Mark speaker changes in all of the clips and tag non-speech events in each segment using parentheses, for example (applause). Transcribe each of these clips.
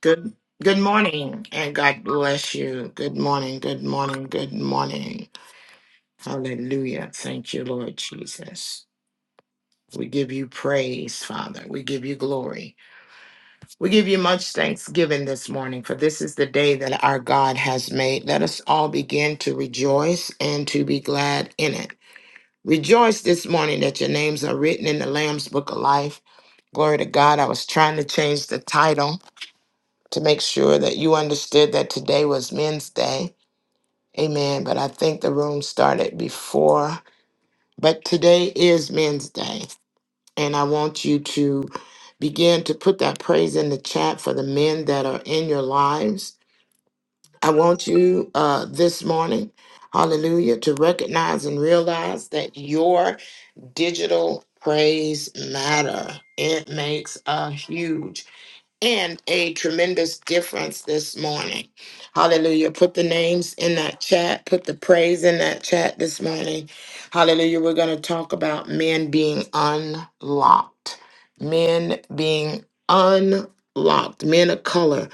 Speaker 1: Good good morning and God bless you. Good morning, good morning, good morning. Hallelujah. Thank you, Lord Jesus. We give you praise, Father. We give you glory. We give you much thanksgiving this morning, for this is the day that our God has made. Let us all begin to rejoice and to be glad in it. Rejoice this morning that your names are written in the Lamb's book of life. Glory to God. I was trying to change the title to make sure that you understood that today was men's day. Amen. But I think the room started before. But today is men's day. And I want you to begin to put that praise in the chat for the men that are in your lives. I want you uh, this morning, hallelujah, to recognize and realize that your digital praise matter. It makes a huge and a tremendous difference this morning. Hallelujah. Put the names in that chat, put the praise in that chat this morning. Hallelujah. We're going to talk about men being unlocked, men being unlocked, men of color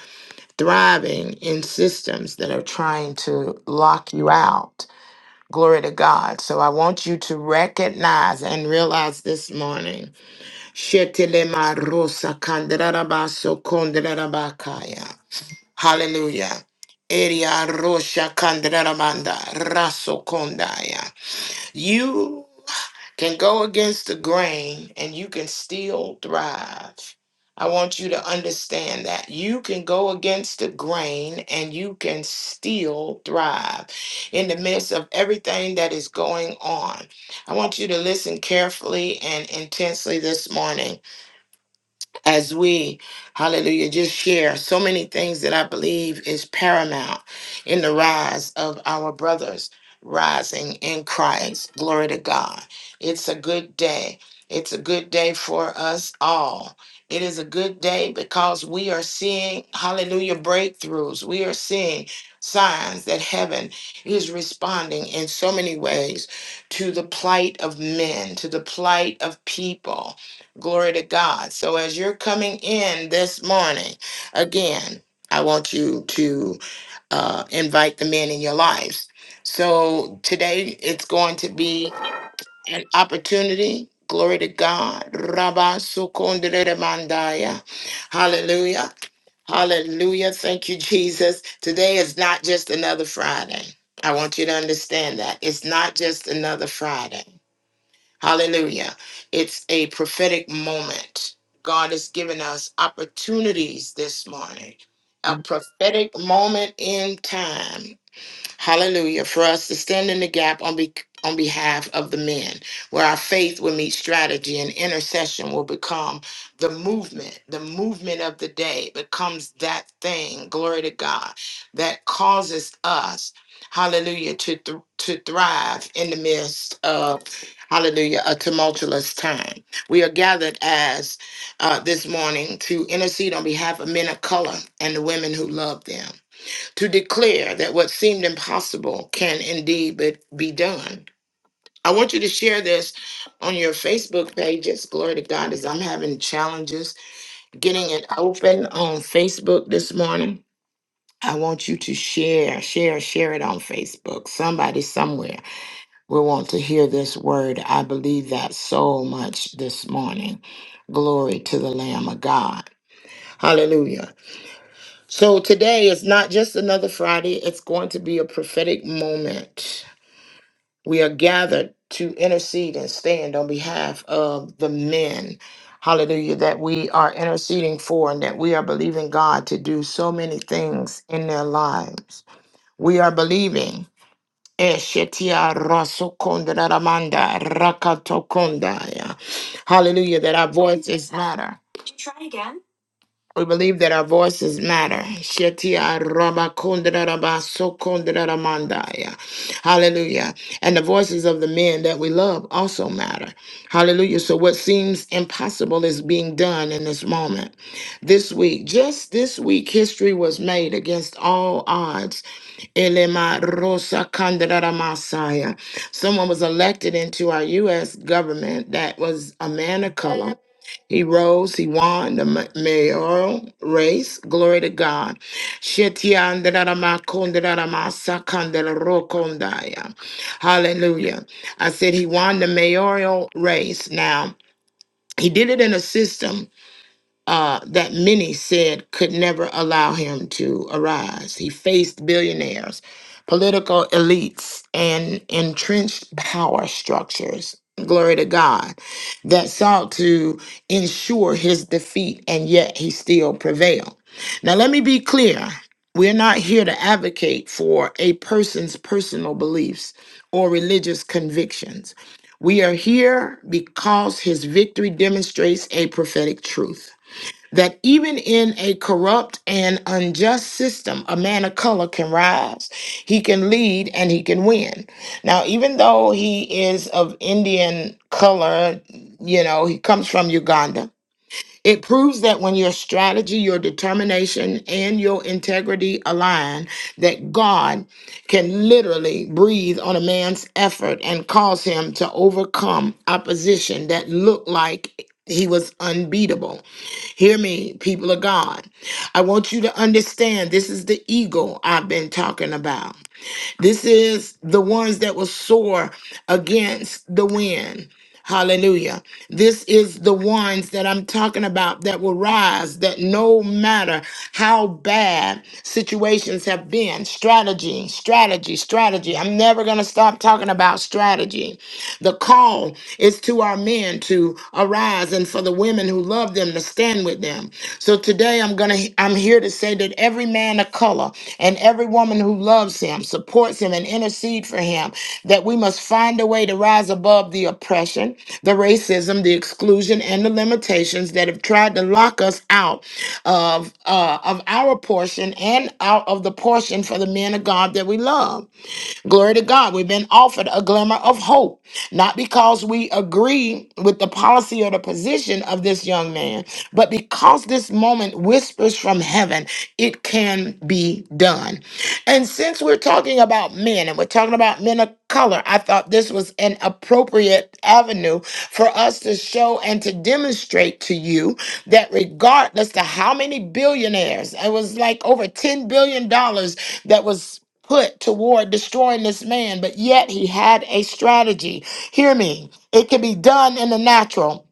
Speaker 1: thriving in systems that are trying to lock you out. Glory to God. So I want you to recognize and realize this morning Shetelema rosa kandarabaso kondarabakaya. Hallelujah. Eria rosha kandarabanda raso kondaya. You can go against the grain and you can still thrive. I want you to understand that you can go against the grain and you can still thrive in the midst of everything that is going on. I want you to listen carefully and intensely this morning as we, hallelujah, just share so many things that I believe is paramount in the rise of our brothers rising in Christ. Glory to God. It's a good day. It's a good day for us all. It is a good day because we are seeing, hallelujah, breakthroughs. We are seeing signs that heaven is responding in so many ways to the plight of men, to the plight of people. Glory to God. So as you're coming in this morning, again, I want you to uh, invite the men in your lives. So today it's going to be an opportunity. Glory to God. Rabba sukondere mandaya. Hallelujah. Hallelujah. Thank you, Jesus. Today is not just another Friday. I want you to understand that. It's not just another Friday. Hallelujah. It's a prophetic moment. God has given us opportunities this morning, a prophetic moment in time. Hallelujah. For us to stand in the gap on be on behalf of the men, where our faith will meet strategy and intercession will become the movement. The movement of the day becomes that thing, glory to God, that causes us, hallelujah, to, th- to thrive in the midst of, hallelujah, a tumultuous time. We are gathered as uh, this morning to intercede on behalf of men of color and the women who love them to declare that what seemed impossible can indeed be be done. I want you to share this on your Facebook pages. Glory to God, as I'm having challenges getting it open on Facebook this morning. I want you to share, share, share it on Facebook. Somebody somewhere will want to hear this word. I believe that so much this morning. Glory to the Lamb of God. Hallelujah. So today is not just another Friday, it's going to be a prophetic moment. We are gathered to intercede and stand on behalf of the men. Hallelujah, that we are interceding for and that we are believing God to do so many things in their lives. We are believing. Eshetia rasokondra ramanda rakatokondaya. Hallelujah, that our voice is louder. We believe that our voices matter. Shetia raba kundra raba so kundra ramandaya. Hallelujah. And the voices of the men that we love also matter. Hallelujah. So what seems impossible is being done in this moment. This week, just this week, history was made against all odds. Elema Rosa Candidata Masaya. Someone was elected into our U.S. government that was a man of color. He rose, he won the ma- mayoral race. Glory to God. Shetiandadada Hallelujah. I said he won the mayoral race. Now, he did it in a system uh, that many said could never allow him to arise. He faced billionaires, political elites, and entrenched power structures. Glory to God that sought to ensure his defeat, and yet he still prevailed. Now, let me be clear we're not here to advocate for a person's personal beliefs or religious convictions. We are here because his victory demonstrates a prophetic truth that even in a corrupt and unjust system, a man of color can rise, he can lead, and he can win. Now, even though he is of Indian color, you know, he comes from Uganda. It proves that when your strategy, your determination, and your integrity align, that God can literally breathe on a man's effort and cause him to overcome opposition that looked like he was unbeatable. Hear me, people of God. I want you to understand this is the eagle I've been talking about. This is the ones that will soar against the wind. Hallelujah. This is the ones that I'm talking about that will rise, that no matter how bad situations have been, strategy, strategy, strategy. I'm never going to stop talking about strategy the call is to our men to arise and for the women who love them to stand with them. So today I'm going to I'm here to say that every man of color and every woman who loves him, supports him and intercede for him that we must find a way to rise above the oppression, the racism, the exclusion and the limitations that have tried to lock us out of uh, of our portion and out of the portion for the men of God that we love. Glory to God. We've been offered a glimmer of hope, not because we agree with the policy or the position of this young man, but because this moment whispers from heaven, it can be done. And since we're talking about men and we're talking about men of color, I thought this was an appropriate avenue for us to show and to demonstrate to you that regardless to how many billionaires, it was like over $10 billion dollars that was put toward destroying this man, but yet he had a strategy. Hear me. It can be done in the natural.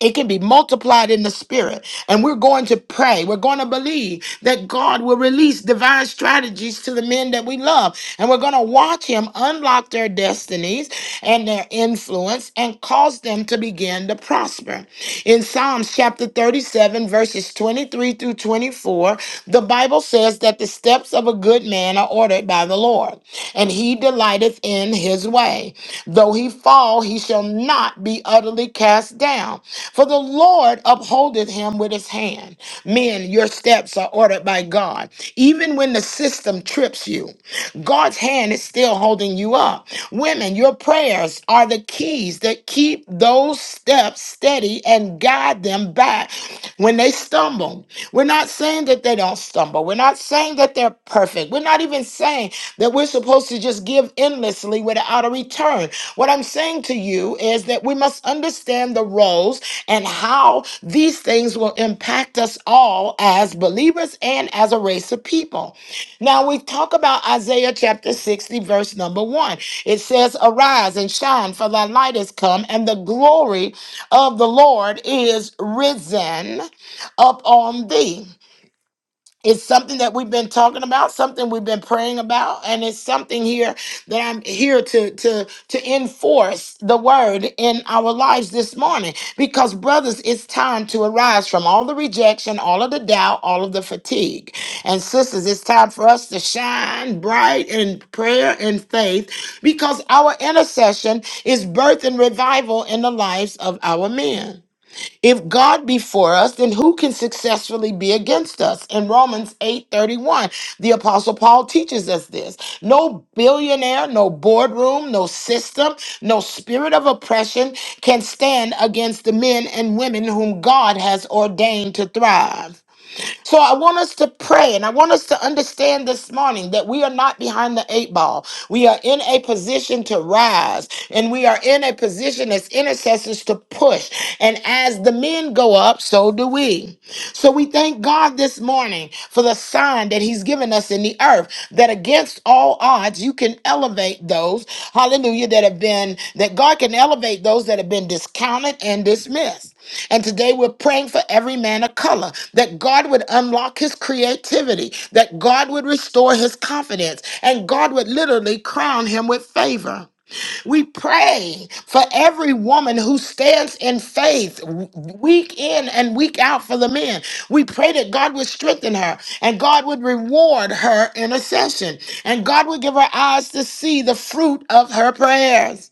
Speaker 1: It can be multiplied in the spirit. And we're going to pray. We're going to believe that God will release divine strategies to the men that we love. And we're going to watch him unlock their destinies and their influence and cause them to begin to prosper. In Psalms chapter 37, verses 23 through 24, the Bible says that the steps of a good man are ordered by the Lord, and he delighteth in his way. Though he fall, he shall not be utterly cast down, for the Lord upholdeth him with his hand. Men, your steps are ordered by God. Even when the system trips you, God's hand is still holding you up. Women, your prayers are the keys that keep those steps steady and guide them back when they stumble. We're not saying that they don't stumble. We're not saying that they're perfect. We're not even saying that we're supposed to just give endlessly without a return. What I'm saying to you is that we must understand the roles and how these things will impact us all as believers and as a race of people. Now we talk about Isaiah chapter 60, verse number one. It says, Arise and shine, for thy light is come, and the glory of the Lord is risen upon thee it's something that we've been talking about something we've been praying about and it's something here that i'm here to to to enforce the word in our lives this morning because brothers it's time to arise from all the rejection all of the doubt all of the fatigue and sisters it's time for us to shine bright in prayer and faith because our intercession is birth and revival in the lives of our men if God be for us, then who can successfully be against us? In Romans 8:31, the apostle Paul teaches us this. No billionaire, no boardroom, no system, no spirit of oppression can stand against the men and women whom God has ordained to thrive. So I want us to pray and I want us to understand this morning that we are not behind the eight ball. We are in a position to rise and we are in a position as intercessors to push. And as the men go up, so do we. So we thank God this morning for the sign that He's given us in the earth that against all odds, you can elevate those, hallelujah, that have been, that God can elevate those that have been discounted and dismissed. And today we're praying for every man of color that God would unlock his creativity, that God would restore his confidence, and God would literally crown him with favor. We pray for every woman who stands in faith w- week in and week out for the men. We pray that God would strengthen her and God would reward her intercession and God would give her eyes to see the fruit of her prayers.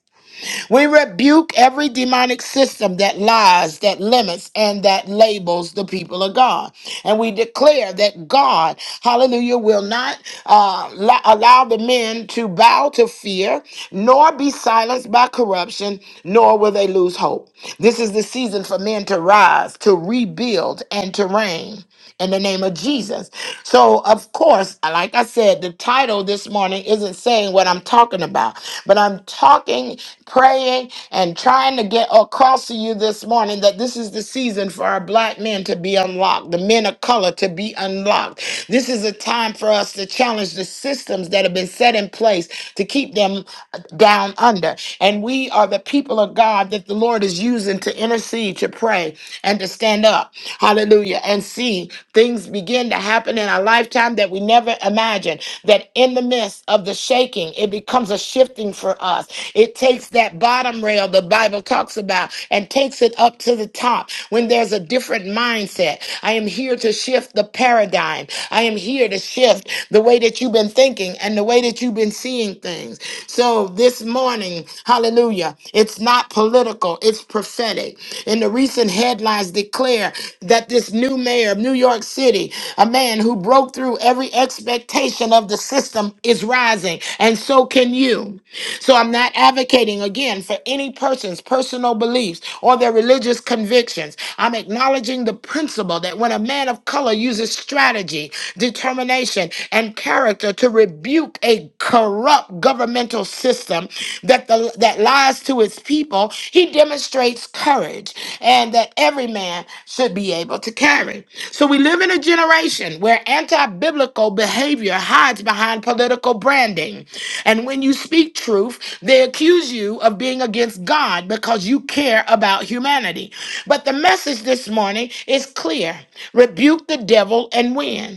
Speaker 1: We rebuke every demonic system that lies, that limits, and that labels the people of God. And we declare that God, hallelujah, will not uh, lo- allow the men to bow to fear, nor be silenced by corruption, nor will they lose hope. This is the season for men to rise, to rebuild, and to reign in the name of Jesus. So, of course, like I said, the title this morning isn't saying what I'm talking about, but I'm talking, praying, and trying to get across to you this morning that this is the season for our black men to be unlocked, the men of color to be unlocked. This is a time for us to challenge the systems that have been set in place to keep them uh, down under. And we are the people of God that the Lord is using to intercede to pray and to stand up. Hallelujah. And see things begin to happen in our lifetime that we never imagined. That in the midst of the shaking, it becomes a shifting for us. It takes that bottom rail the Bible talks about and takes it up to the top when there's a different mindset. I am here to shift the paradigm. I am here to shift the way that you've been thinking and the way that you've been seeing things. So this morning, hallelujah. Hallelujah. It's not political, it's prophetic. And the recent headlines declare that this new mayor of New York City, a man who broke through every expectation of the system, is rising. And so can you. So I'm not advocating again for any person's personal beliefs or their religious convictions. I'm acknowledging the principle that when a man of color uses strategy, determination, and character to rebuke a a corrupt governmental system that the that lies to his people, he demonstrates courage and that every man should be able to carry. So we live in a generation where anti-biblical behavior hides behind political branding. And when you speak truth, they accuse you of being against God because you care about humanity. But the message this morning is clear. Rebuke the devil and win.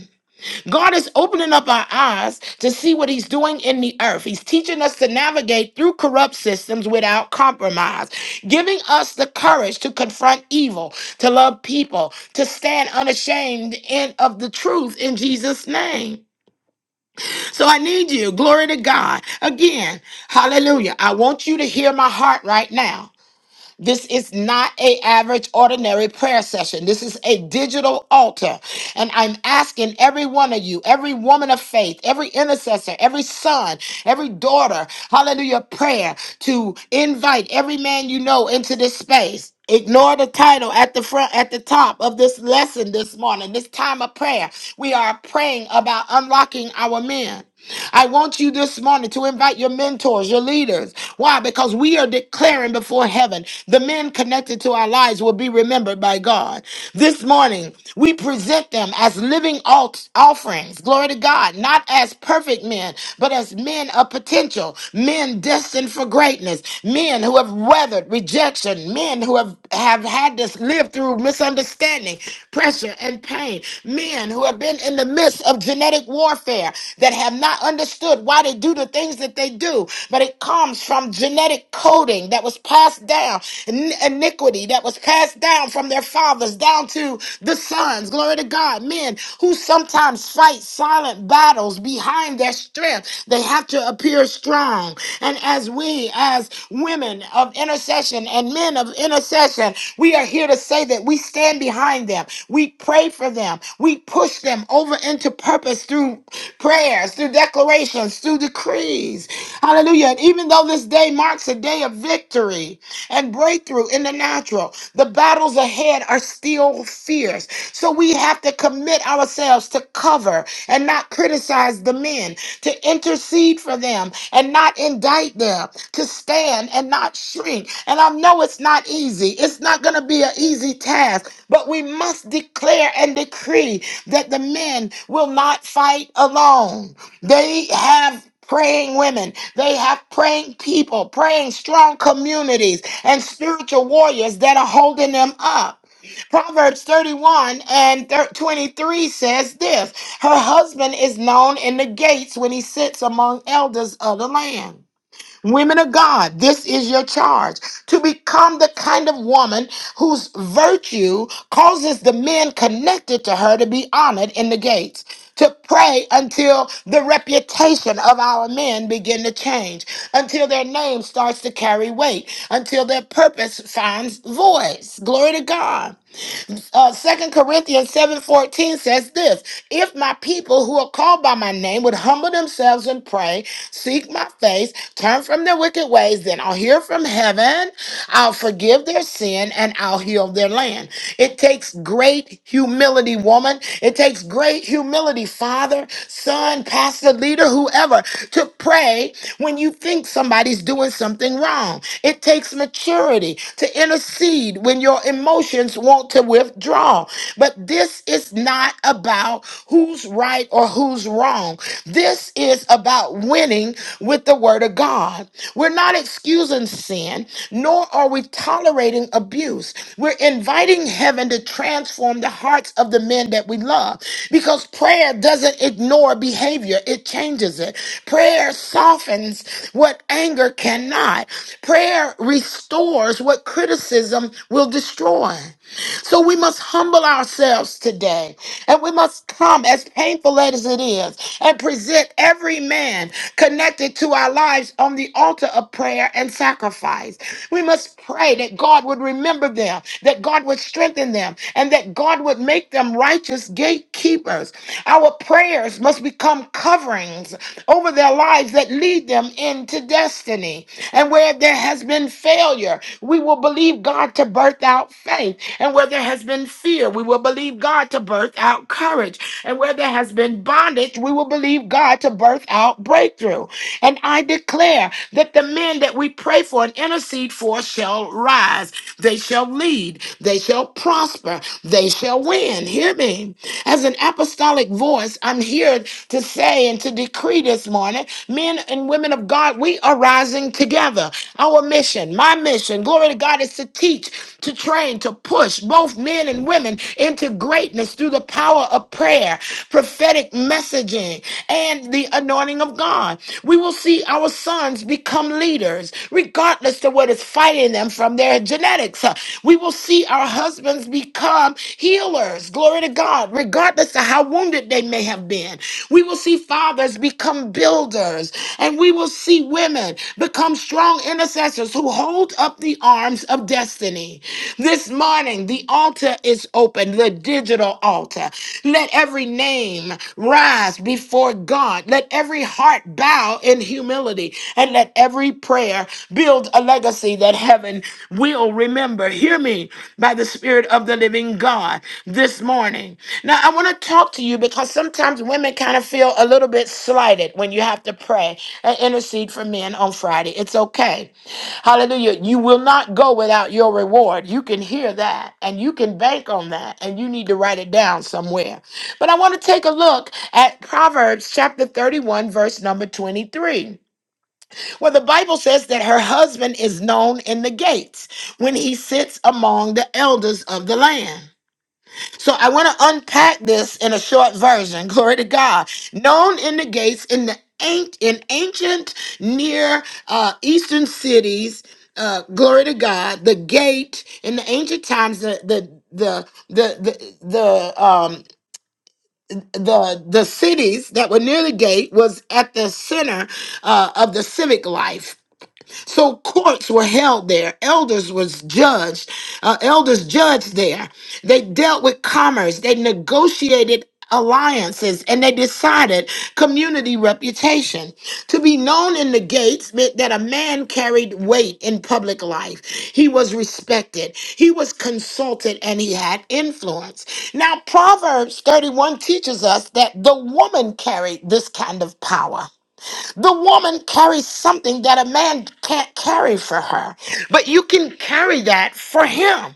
Speaker 1: God is opening up our eyes to see what He's doing in the earth. He's teaching us to navigate through corrupt systems without compromise, giving us the courage to confront evil, to love people, to stand unashamed and of the truth in Jesus' name. So I need you. Glory to God. Again, hallelujah. I want you to hear my heart right now. This is not a average ordinary prayer session. This is a digital altar. And I'm asking every one of you, every woman of faith, every intercessor, every son, every daughter, hallelujah, prayer to invite every man you know into this space. Ignore the title at the front, at the top of this lesson this morning, this time of prayer. We are praying about unlocking our men. I want you this morning to invite your mentors, your leaders. Why? Because we are declaring before heaven the men connected to our lives will be remembered by God. This morning, we present them as living alt- offerings, glory to God, not as perfect men, but as men of potential, men destined for greatness, men who have weathered rejection, men who have, have had this live through through misunderstanding, pressure, and pain. Men who have been in the midst of genetic warfare that have not understood why they do the things that they do, but it comes from genetic coding that was passed down, in- iniquity that was passed down from their fathers down to the sons. Glory to God. Men who sometimes fight silent battles behind their strength. They have to appear we're strong and as we, as women of intercession and men of intercession, we are here to say that we stand behind them. We pray for them. We push them over into purpose through prayers, through declarations, through decrees. Hallelujah. And even though this day marks a day of victory and breakthrough in the natural, the battles ahead are still fierce. So we have to commit ourselves to cover and not criticize the men, to intercede for them and not indict them, to stand and not shrink. And I know it's not easy. It's not going to be an easy task, but we must declare and decree that the men will not fight alone. They have praying women. They have praying people, praying strong communities and spiritual warriors that are holding them up. Proverbs 31 and thir- 23 says this. Her husband is known in the gates when he sits among elders of the land. Women of God, this is your charge to become the kind of woman whose virtue causes the men connected to her to be honored in the gates. To pray until the reputation of our men begin to change, until their name starts to carry weight, until their purpose finds voice. Glory to God uh, 2 Corinthians 7.14 says this, if my people who are called by my name would humble themselves and pray, seek my face, turn from their wicked ways, then I'll hear from heaven, I'll forgive their sin, and I'll heal their land. It takes great humility, woman. It takes great humility, father, son, pastor, leader, whoever, to pray when you think somebody's doing something wrong. It takes maturity to intercede when your emotions want to withdraw. But this is not about who's right or who's wrong. This is about winning with the word of God. We're not excusing sin, nor are we tolerating abuse. We're inviting heaven to transform the hearts of the men that we love because prayer doesn't ignore behavior, it changes it. Prayer softens what anger cannot, prayer restores what criticism will destroy. So we must humble ourselves today and we must come, as painful as it is, and present every man connected to our lives on the altar of prayer and sacrifice. We must pray that God would remember them, that God would strengthen them, and that God would make them righteous gatekeepers. Our prayers must become coverings over their lives that lead them into destiny. And where there has been failure, we will believe God to birth out faith. And where there has been fear, we will believe God to birth out courage. And where there has been bondage, we will believe God to birth out breakthrough. And I declare that the men that we pray for and intercede for shall rise. They shall lead. They shall prosper. They shall win. Hear me. As an apostolic voice, I'm here to say and to decree this morning men and women of God, we are rising together. Our mission, my mission, glory to God, is to teach, to train, to push both men and women into greatness through the power of prayer, prophetic messaging, and the anointing anointing of God. We will see our sons become leaders, regardless to what is fighting them from their genetics. Uh, We will see our husbands become healers, glory to God, regardless of how wounded they may have been. We will see fathers become builders, and we will see women become strong intercessors who hold up the arms of destiny. This morning, the altar is open, the digital altar. Let every name rise before Lord God. Let every heart bow in humility and let every prayer build a legacy that heaven will remember. Hear me by the Spirit of the living God this morning. Now, I want to talk to you because sometimes women kind of feel a little bit slighted when you have to pray and intercede for men on Friday. It's okay. Hallelujah. You will not go without your reward. You can hear that and you can bank on that and you need to write it down somewhere. But I want to take a look at Proverbs chapter 31, verse number 23, where the Bible says that her husband is known in the gates when he sits among the elders of the land. So I want to unpack this in a short version. (laughs) Glory to God. Known in the gates in the an- in ancient near uh, eastern cities. Uh, glory to God. The gate in the ancient times, the the the the the, the, um, the the cities that were near the gate was at the center uh, of the civic life so courts were held there. Elders was judged. Uh, elders judged there. They dealt with commerce. They negotiated alliances and they decided community reputation. To be known in the gates meant that a man carried weight in public life. He was respected, he was consulted, and he had influence. Now, Proverbs 31 teaches us that the woman carried this kind of power. The woman carries something that a man can't carry for her, but you can carry that for him.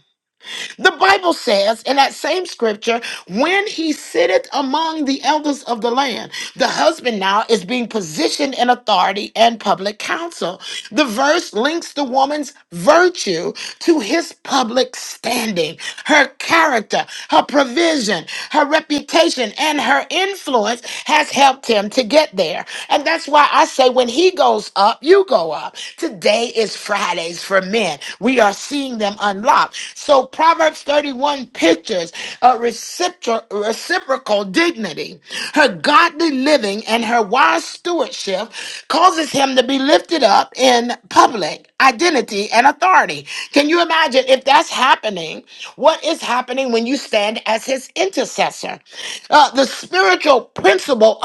Speaker 1: The Bible says in that same scripture, when he sitteth among the elders of the land, the husband now is being positioned in authority and public counsel. The verse links the woman's virtue to his public standing, her character, her provision, her reputation, and her influence has helped him to get there. And that's why I say when he goes up, you go up. Today is Friday. Fridays for men. We are seeing them unlocked. So Proverbs 31 pictures a recipro- reciprocal dignity. Her godly living and her wise stewardship causes him to be lifted up in public identity and authority. Can you imagine if that's happening? What is happening when you stand as his intercessor? Uh, the spiritual principle